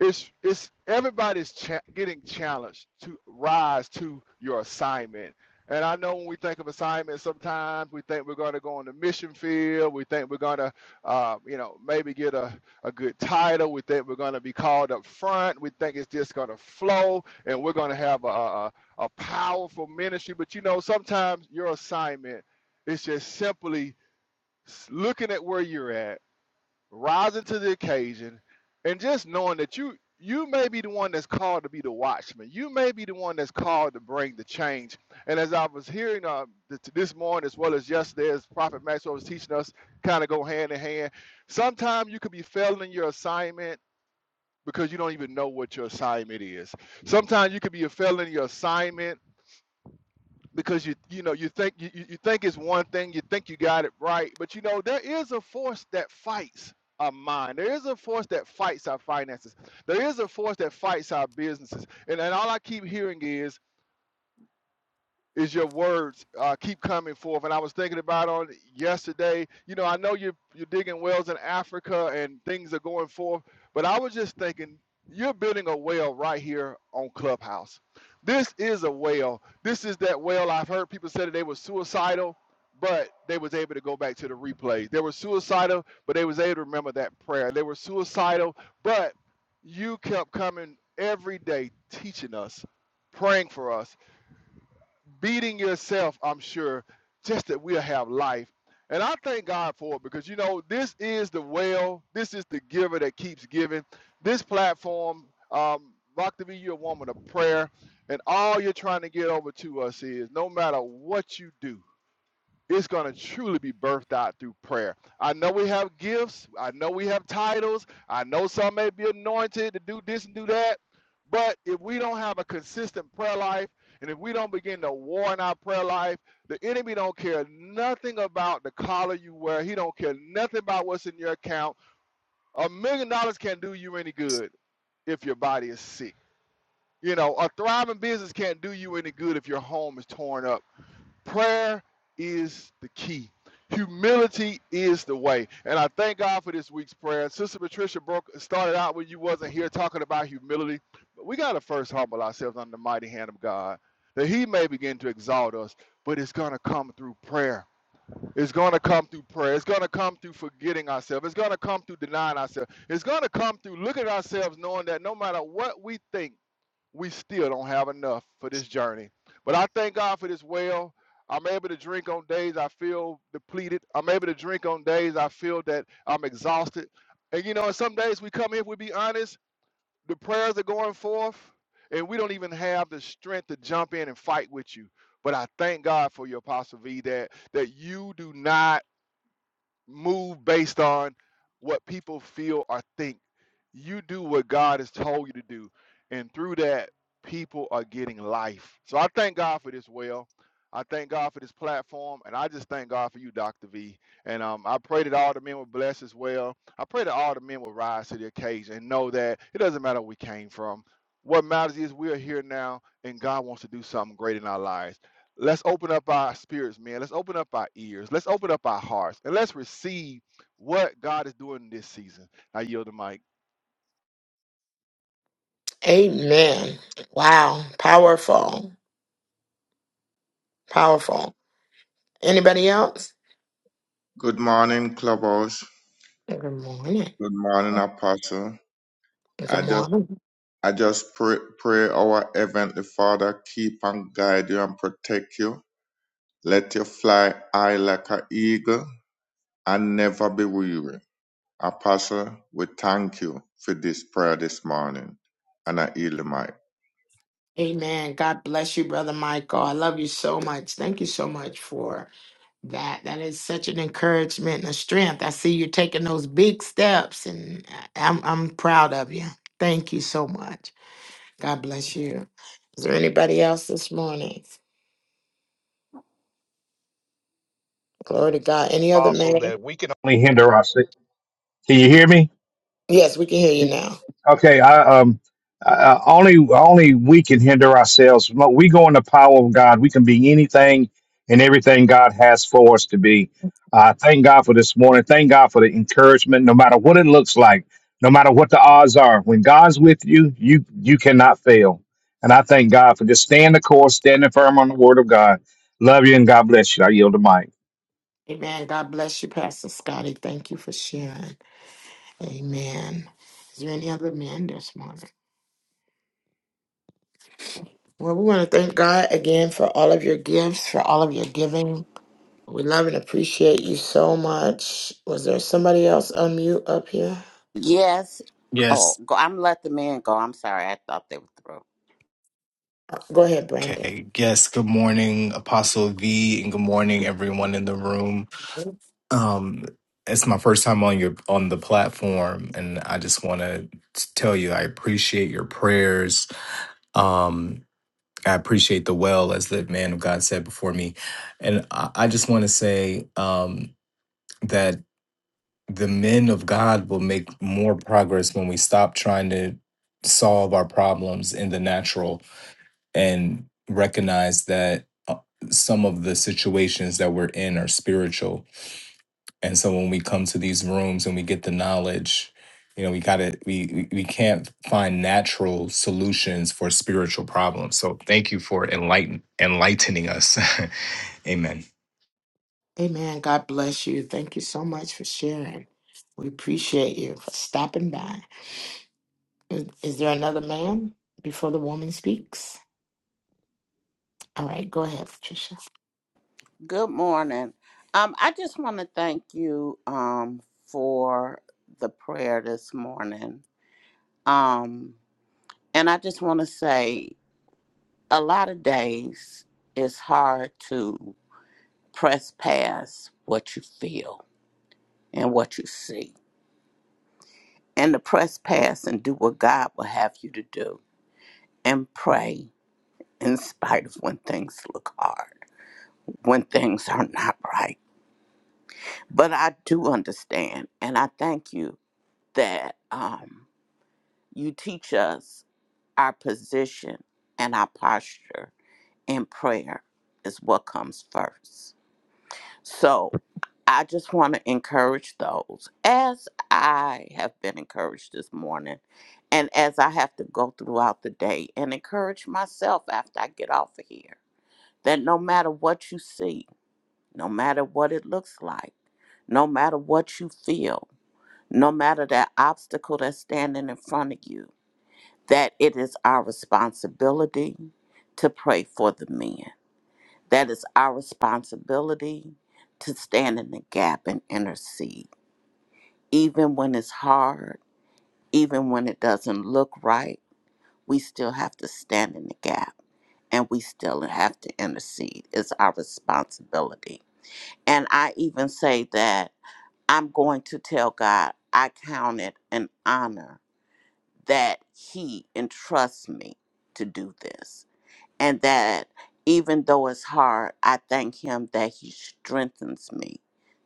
Speaker 18: it's it's everybody's cha- getting challenged to rise to your assignment and i know when we think of assignment sometimes we think we're going to go on the mission field we think we're going to uh, you know maybe get a, a good title we think we're going to be called up front we think it's just going to flow and we're going to have a, a, a powerful ministry but you know sometimes your assignment is just simply looking at where you're at rising to the occasion and just knowing that you you may be the one that's called to be the watchman you may be the one that's called to bring the change and as i was hearing uh, th- this morning as well as yesterday as prophet maxwell was teaching us kind of go hand in hand sometimes you could be failing in your assignment because you don't even know what your assignment is sometimes you could be failing in your assignment because you you know you think you, you you think it's one thing you think you got it right but you know there is a force that fights our mind there is a force that fights our finances there is a force that fights our businesses and, and all i keep hearing is is your words uh, keep coming forth. And I was thinking about on yesterday. You know, I know you're you're digging wells in Africa and things are going forth, but I was just thinking you're building a well right here on Clubhouse. This is a well. This is that well. I've heard people say that they were suicidal, but they was able to go back to the replay. They were suicidal, but they was able to remember that prayer. They were suicidal, but you kept coming every day teaching us, praying for us beating yourself, I'm sure, just that we'll have life. And I thank God for it because, you know, this is the well, this is the giver that keeps giving. This platform, um, Rock to Be Your Woman of Prayer, and all you're trying to get over to us is no matter what you do, it's going to truly be birthed out through prayer. I know we have gifts. I know we have titles. I know some may be anointed to do this and do that. But if we don't have a consistent prayer life, and if we don't begin to war in our prayer life, the enemy don't care nothing about the collar you wear. He don't care nothing about what's in your account. A million dollars can't do you any good if your body is sick. You know, a thriving business can't do you any good if your home is torn up Prayer is the key. Humility is the way. And I thank God for this week's prayer. Sister Patricia broke started out when you wasn't here talking about humility. But we gotta first humble ourselves under the mighty hand of God. That he may begin to exalt us, but it's gonna come through prayer. It's gonna come through prayer. It's gonna come through forgetting ourselves. It's gonna come through denying ourselves. It's gonna come through looking at ourselves, knowing that no matter what we think we still don't have enough for this journey. But I thank God for this well. I'm able to drink on days I feel depleted. I'm able to drink on days I feel that I'm exhausted. And you know, and some days we come here, we be honest, the prayers are going forth, and we don't even have the strength to jump in and fight with you. But I thank God for your apostle V that that you do not move based on what people feel or think. You do what God has told you to do. And through that, people are getting life. So I thank God for this, Well. I thank God for this platform. And I just thank God for you, Dr. V. And um, I pray that all the men will bless as well. I pray that all the men will rise to the occasion and know that it doesn't matter where we came from. What matters is we are here now, and God wants to do something great in our lives. Let's open up our spirits, man. Let's open up our ears. Let's open up our hearts and let's receive what God is doing this season. I yield the mic.
Speaker 1: Amen. Wow. Powerful. Powerful. Anybody else?
Speaker 19: Good morning, Clubhouse.
Speaker 1: Good morning.
Speaker 19: Good morning, Apostle. I
Speaker 1: Good
Speaker 19: just
Speaker 1: morning.
Speaker 19: I just pray, pray our Heavenly Father keep and guide you and protect you. Let you fly high like an eagle and never be weary. Apostle, we thank you for this prayer this morning. And I yield the mic.
Speaker 1: Amen. God bless you, Brother Michael. I love you so much. Thank you so much for that. That is such an encouragement and a strength. I see you taking those big steps, and I- I'm, I'm proud of you. Thank you so much. God bless you. Is there anybody else this morning? Glory to God. Any other
Speaker 20: apostle
Speaker 1: man?
Speaker 20: that we can only hinder ourselves. can you hear me
Speaker 1: Yes, we can hear you
Speaker 20: okay i um I, only only we can hinder ourselves Mo- we go in the power of god we can be anything and everything god has for us to be uh, thank god for this morning thank god for the encouragement no matter what it looks like no matter what the odds are when god's with you you you cannot fail and i thank god for just staying the course standing firm on the word of god love you and god bless you i yield the mic
Speaker 1: Amen. God bless you, Pastor Scotty. Thank you for sharing. Amen. Is there any other men this morning? Well, we want to thank God again for all of your gifts, for all of your giving. We love and appreciate you so much. Was there somebody else on mute up here?
Speaker 6: Yes. Oh,
Speaker 21: Yes.
Speaker 6: go, I'm let the man go. I'm sorry. I thought they were through.
Speaker 1: Uh, Go ahead, Brandon.
Speaker 21: Okay. Yes. Good morning, Apostle V, and good morning, everyone in the room. Um, it's my first time on your on the platform, and I just want to tell you I appreciate your prayers. Um, I appreciate the well, as the man of God said before me, and I, I just want to say um, that the men of God will make more progress when we stop trying to solve our problems in the natural and recognize that uh, some of the situations that we're in are spiritual and so when we come to these rooms and we get the knowledge you know we gotta we we we can't find natural solutions for spiritual problems so thank you for enlighten enlightening us (laughs) amen
Speaker 1: Amen. God bless you. Thank you so much for sharing. We appreciate you for stopping by. Is, is there another man before the woman speaks? All right, go ahead, Patricia.
Speaker 6: Good morning. Um, I just want to thank you um for the prayer this morning. Um, and I just want to say a lot of days it's hard to press past what you feel and what you see. And to press past and do what God will have you to do and pray in spite of when things look hard, when things are not right But I do understand, and I thank you that um, you teach us our position and our posture in prayer is what comes first. So I just want to encourage those, as I have been encouraged this morning, and as I have to go throughout the day and encourage myself after I get off of here, that no matter what you see, no matter what it looks like, no matter what you feel, no matter that obstacle that's standing in front of you, that it is our responsibility to pray for the men. That is our responsibility to stand in the gap and intercede. Even when it's hard, even when it doesn't look right, we still have to stand in the gap and we still have to intercede. It's our responsibility. And I even say that I'm going to tell God I count it an honor that he entrusts me to do this and that even though it's hard i thank him that he strengthens me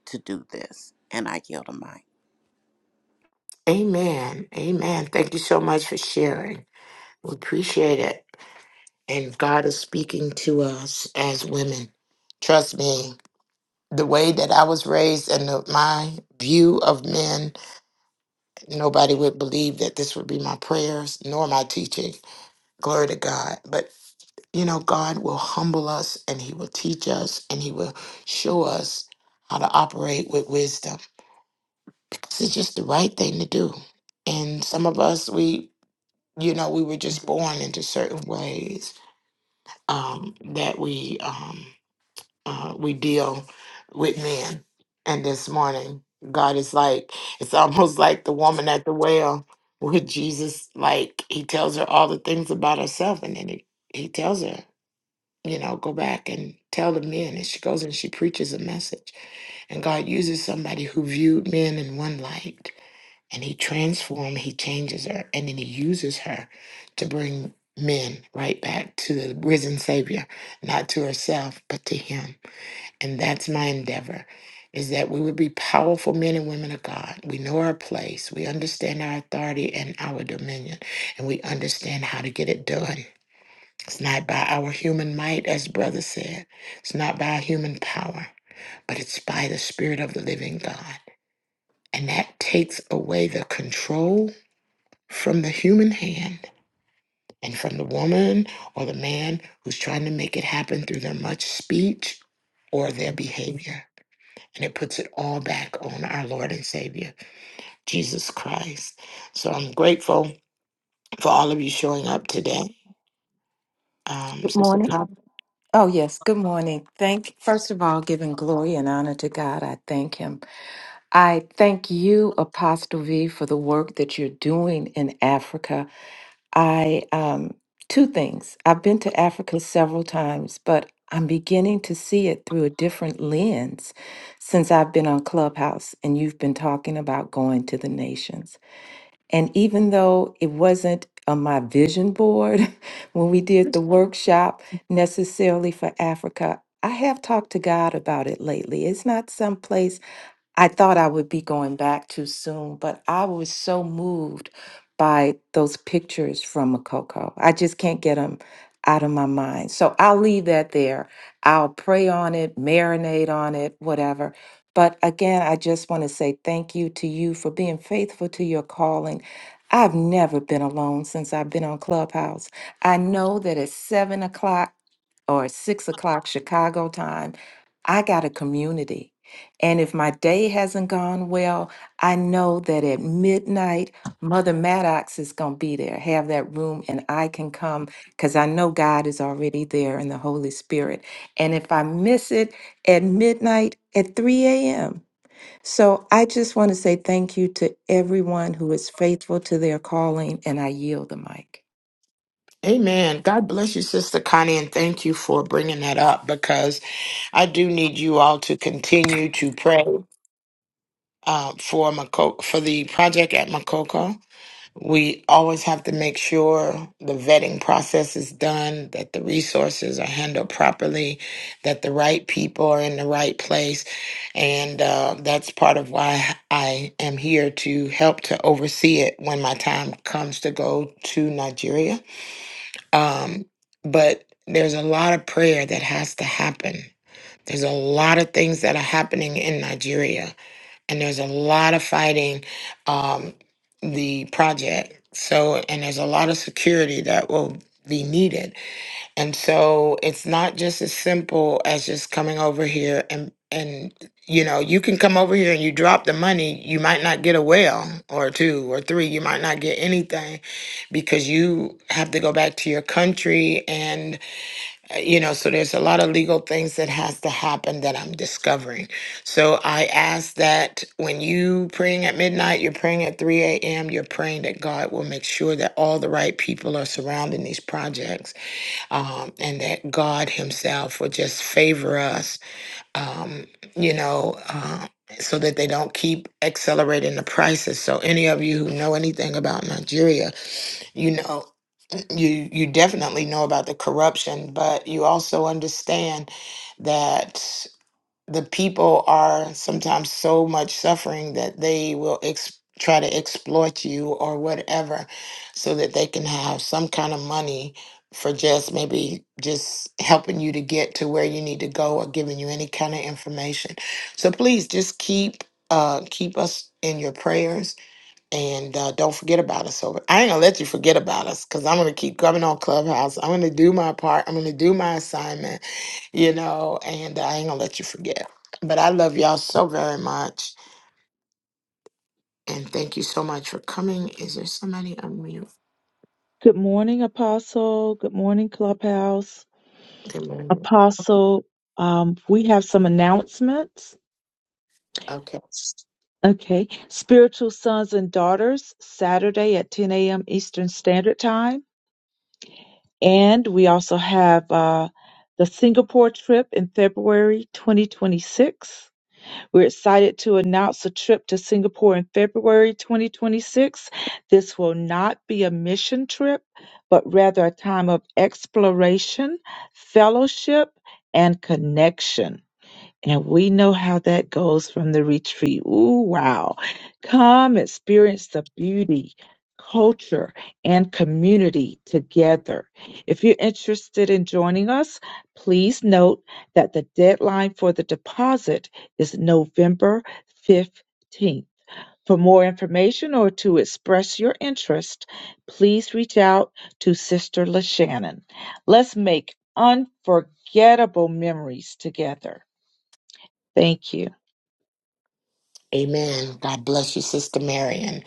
Speaker 6: to do this and i yield a mic
Speaker 1: Amen. Amen. Thank you so much for sharing. We appreciate it. And God is speaking to us as women. Trust me, the way that I was raised and the, my view of men, nobody would believe that this would be my prayers nor my teaching. Glory to God. But, you know, God will humble us and He will teach us and He will show us how to operate with wisdom because it's just the right thing to do. And some of us, we you know, we were just born into certain ways um, that we um, uh, we deal with men. And this morning, God is like, it's (laughs) almost like the woman at the well, where Jesus, like, he tells her all the things about herself, and then he, he tells her, you know, go back and tell the men. And she goes and she preaches a message and God uses somebody who viewed men in one light and he transforms, he changes her, and then he uses her to bring men right back to the risen Savior, not to herself, but to him. And that's my endeavor. Is that we would be powerful men and women of God. We know our place. We understand our authority and our dominion. And we understand how to get it done. It's not by our human might, as brother said. It's not by our human power but it's by the Spirit of the living God. And that takes away the control from the human hand and from the woman or the man who's trying to make it happen through their much speech or their behavior. And it puts it all back on our Lord and Savior, Jesus Christ. So I'm grateful for all of you showing up today. Um, Sister
Speaker 22: Morning.
Speaker 1: Pop.
Speaker 22: Oh, yes. Good morning. Thank, first of all, giving glory and honor to God, I thank Him. I thank you, Apostle V, for the work that you're doing in Africa. I, um, two things. I've been to Africa several times, but I'm beginning to see it through a different lens since I've been on Clubhouse and you've been talking about going to the nations. And even though it wasn't on my vision board (laughs) when we did the workshop necessarily for Africa, I have talked to God about it lately. It's not someplace I thought I would be going back too soon, but I was so moved by those pictures from Makoko. I just can't get them out of my mind. So I'll leave that there. I'll pray on it, marinate on it, whatever. But again, I just want to say thank you to you for being faithful to your calling. I've never been alone since I've been on Clubhouse. I know that at seven o'clock or six o'clock Chicago time, I got a community. And if my day hasn't gone well, I know that at midnight, Mother Maddox is going to be there, have that room, and I can come because I know God is already there in the Holy Spirit. And if I miss it at midnight, at 3 a.m. So I just want to say thank you to everyone who is faithful to their calling, and I yield the mic.
Speaker 1: Amen. God bless you, Sister Connie, and thank you for bringing that up because I do need you all to continue to pray uh, for Mako- for the project at Makoko. We always have to make sure the vetting process is done, that the resources are handled properly, that the right people are in the right place. And uh, that's part of why I am here to help to oversee it when my time comes to go to Nigeria. Um, but there's a lot of prayer that has to happen. There's a lot of things that are happening in Nigeria and there's a lot of fighting um, the project. So, and there's a lot of security that will be needed. And so it's not just as simple as just coming over here and, and, you know, you can come over here and you drop the money, you might not get a whale or two or three, you might not get anything because you have to go back to your country and you know so there's a lot of legal things that has to happen that i'm discovering so i ask that when you praying at midnight you're praying at 3 a.m you're praying that god will make sure that all the right people are surrounding these projects um, and that god himself will just favor us um, you know uh, so that they don't keep accelerating the prices so any of you who know anything about nigeria you know you you definitely know about the corruption, but you also understand that the people are sometimes so much suffering that they will ex- try to exploit you or whatever so that they can have some kind of money for just maybe just helping you to get to where you need to go or giving you any kind of information. So please just keep uh keep us in your prayers and uh, don't forget about us. So I ain't gonna let you forget about us because I'm gonna keep coming on Clubhouse. I'm gonna do my part. I'm gonna do my assignment, you know, and uh, I ain't gonna let you forget. But I love y'all so very much. And thank you so much for coming. Is there somebody on mute?
Speaker 4: Good morning, Apostle. Good morning, Clubhouse.
Speaker 1: Good morning.
Speaker 4: Apostle, um, we have some announcements.
Speaker 1: Okay.
Speaker 4: Okay. Spiritual Sons and Daughters, Saturday at 10 a.m. Eastern Standard Time. And we also have uh, the Singapore trip in February 2026. We're excited to announce a trip to Singapore in February 2026. This will not be a mission trip, but rather a time of exploration, fellowship, and connection. And we know how that goes from the retreat. Ooh, wow. Come experience the beauty, culture, and community together. If you're interested in joining us, please note that the deadline for the deposit is November 15th. For more information or to express your interest, please reach out to Sister LaShannon. Let's make unforgettable memories together. Thank you.
Speaker 1: Amen. God bless you, Sister Marion.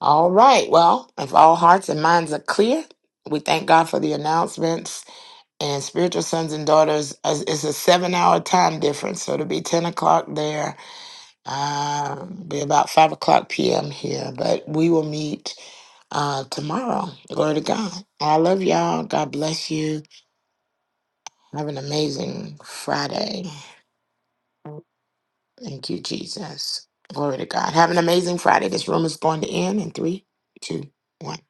Speaker 1: All right. Well, if all hearts and minds are clear, we thank God for the announcements and spiritual sons and daughters as- it's a seven hour time difference so it'll be 10 o'clock there um, be about 5 o'clock pm here but we will meet uh, tomorrow glory to god i love y'all god bless you have an amazing friday Thank you, Jesus. Glory to God. Have an amazing Friday. This room is going to end in three, two, one.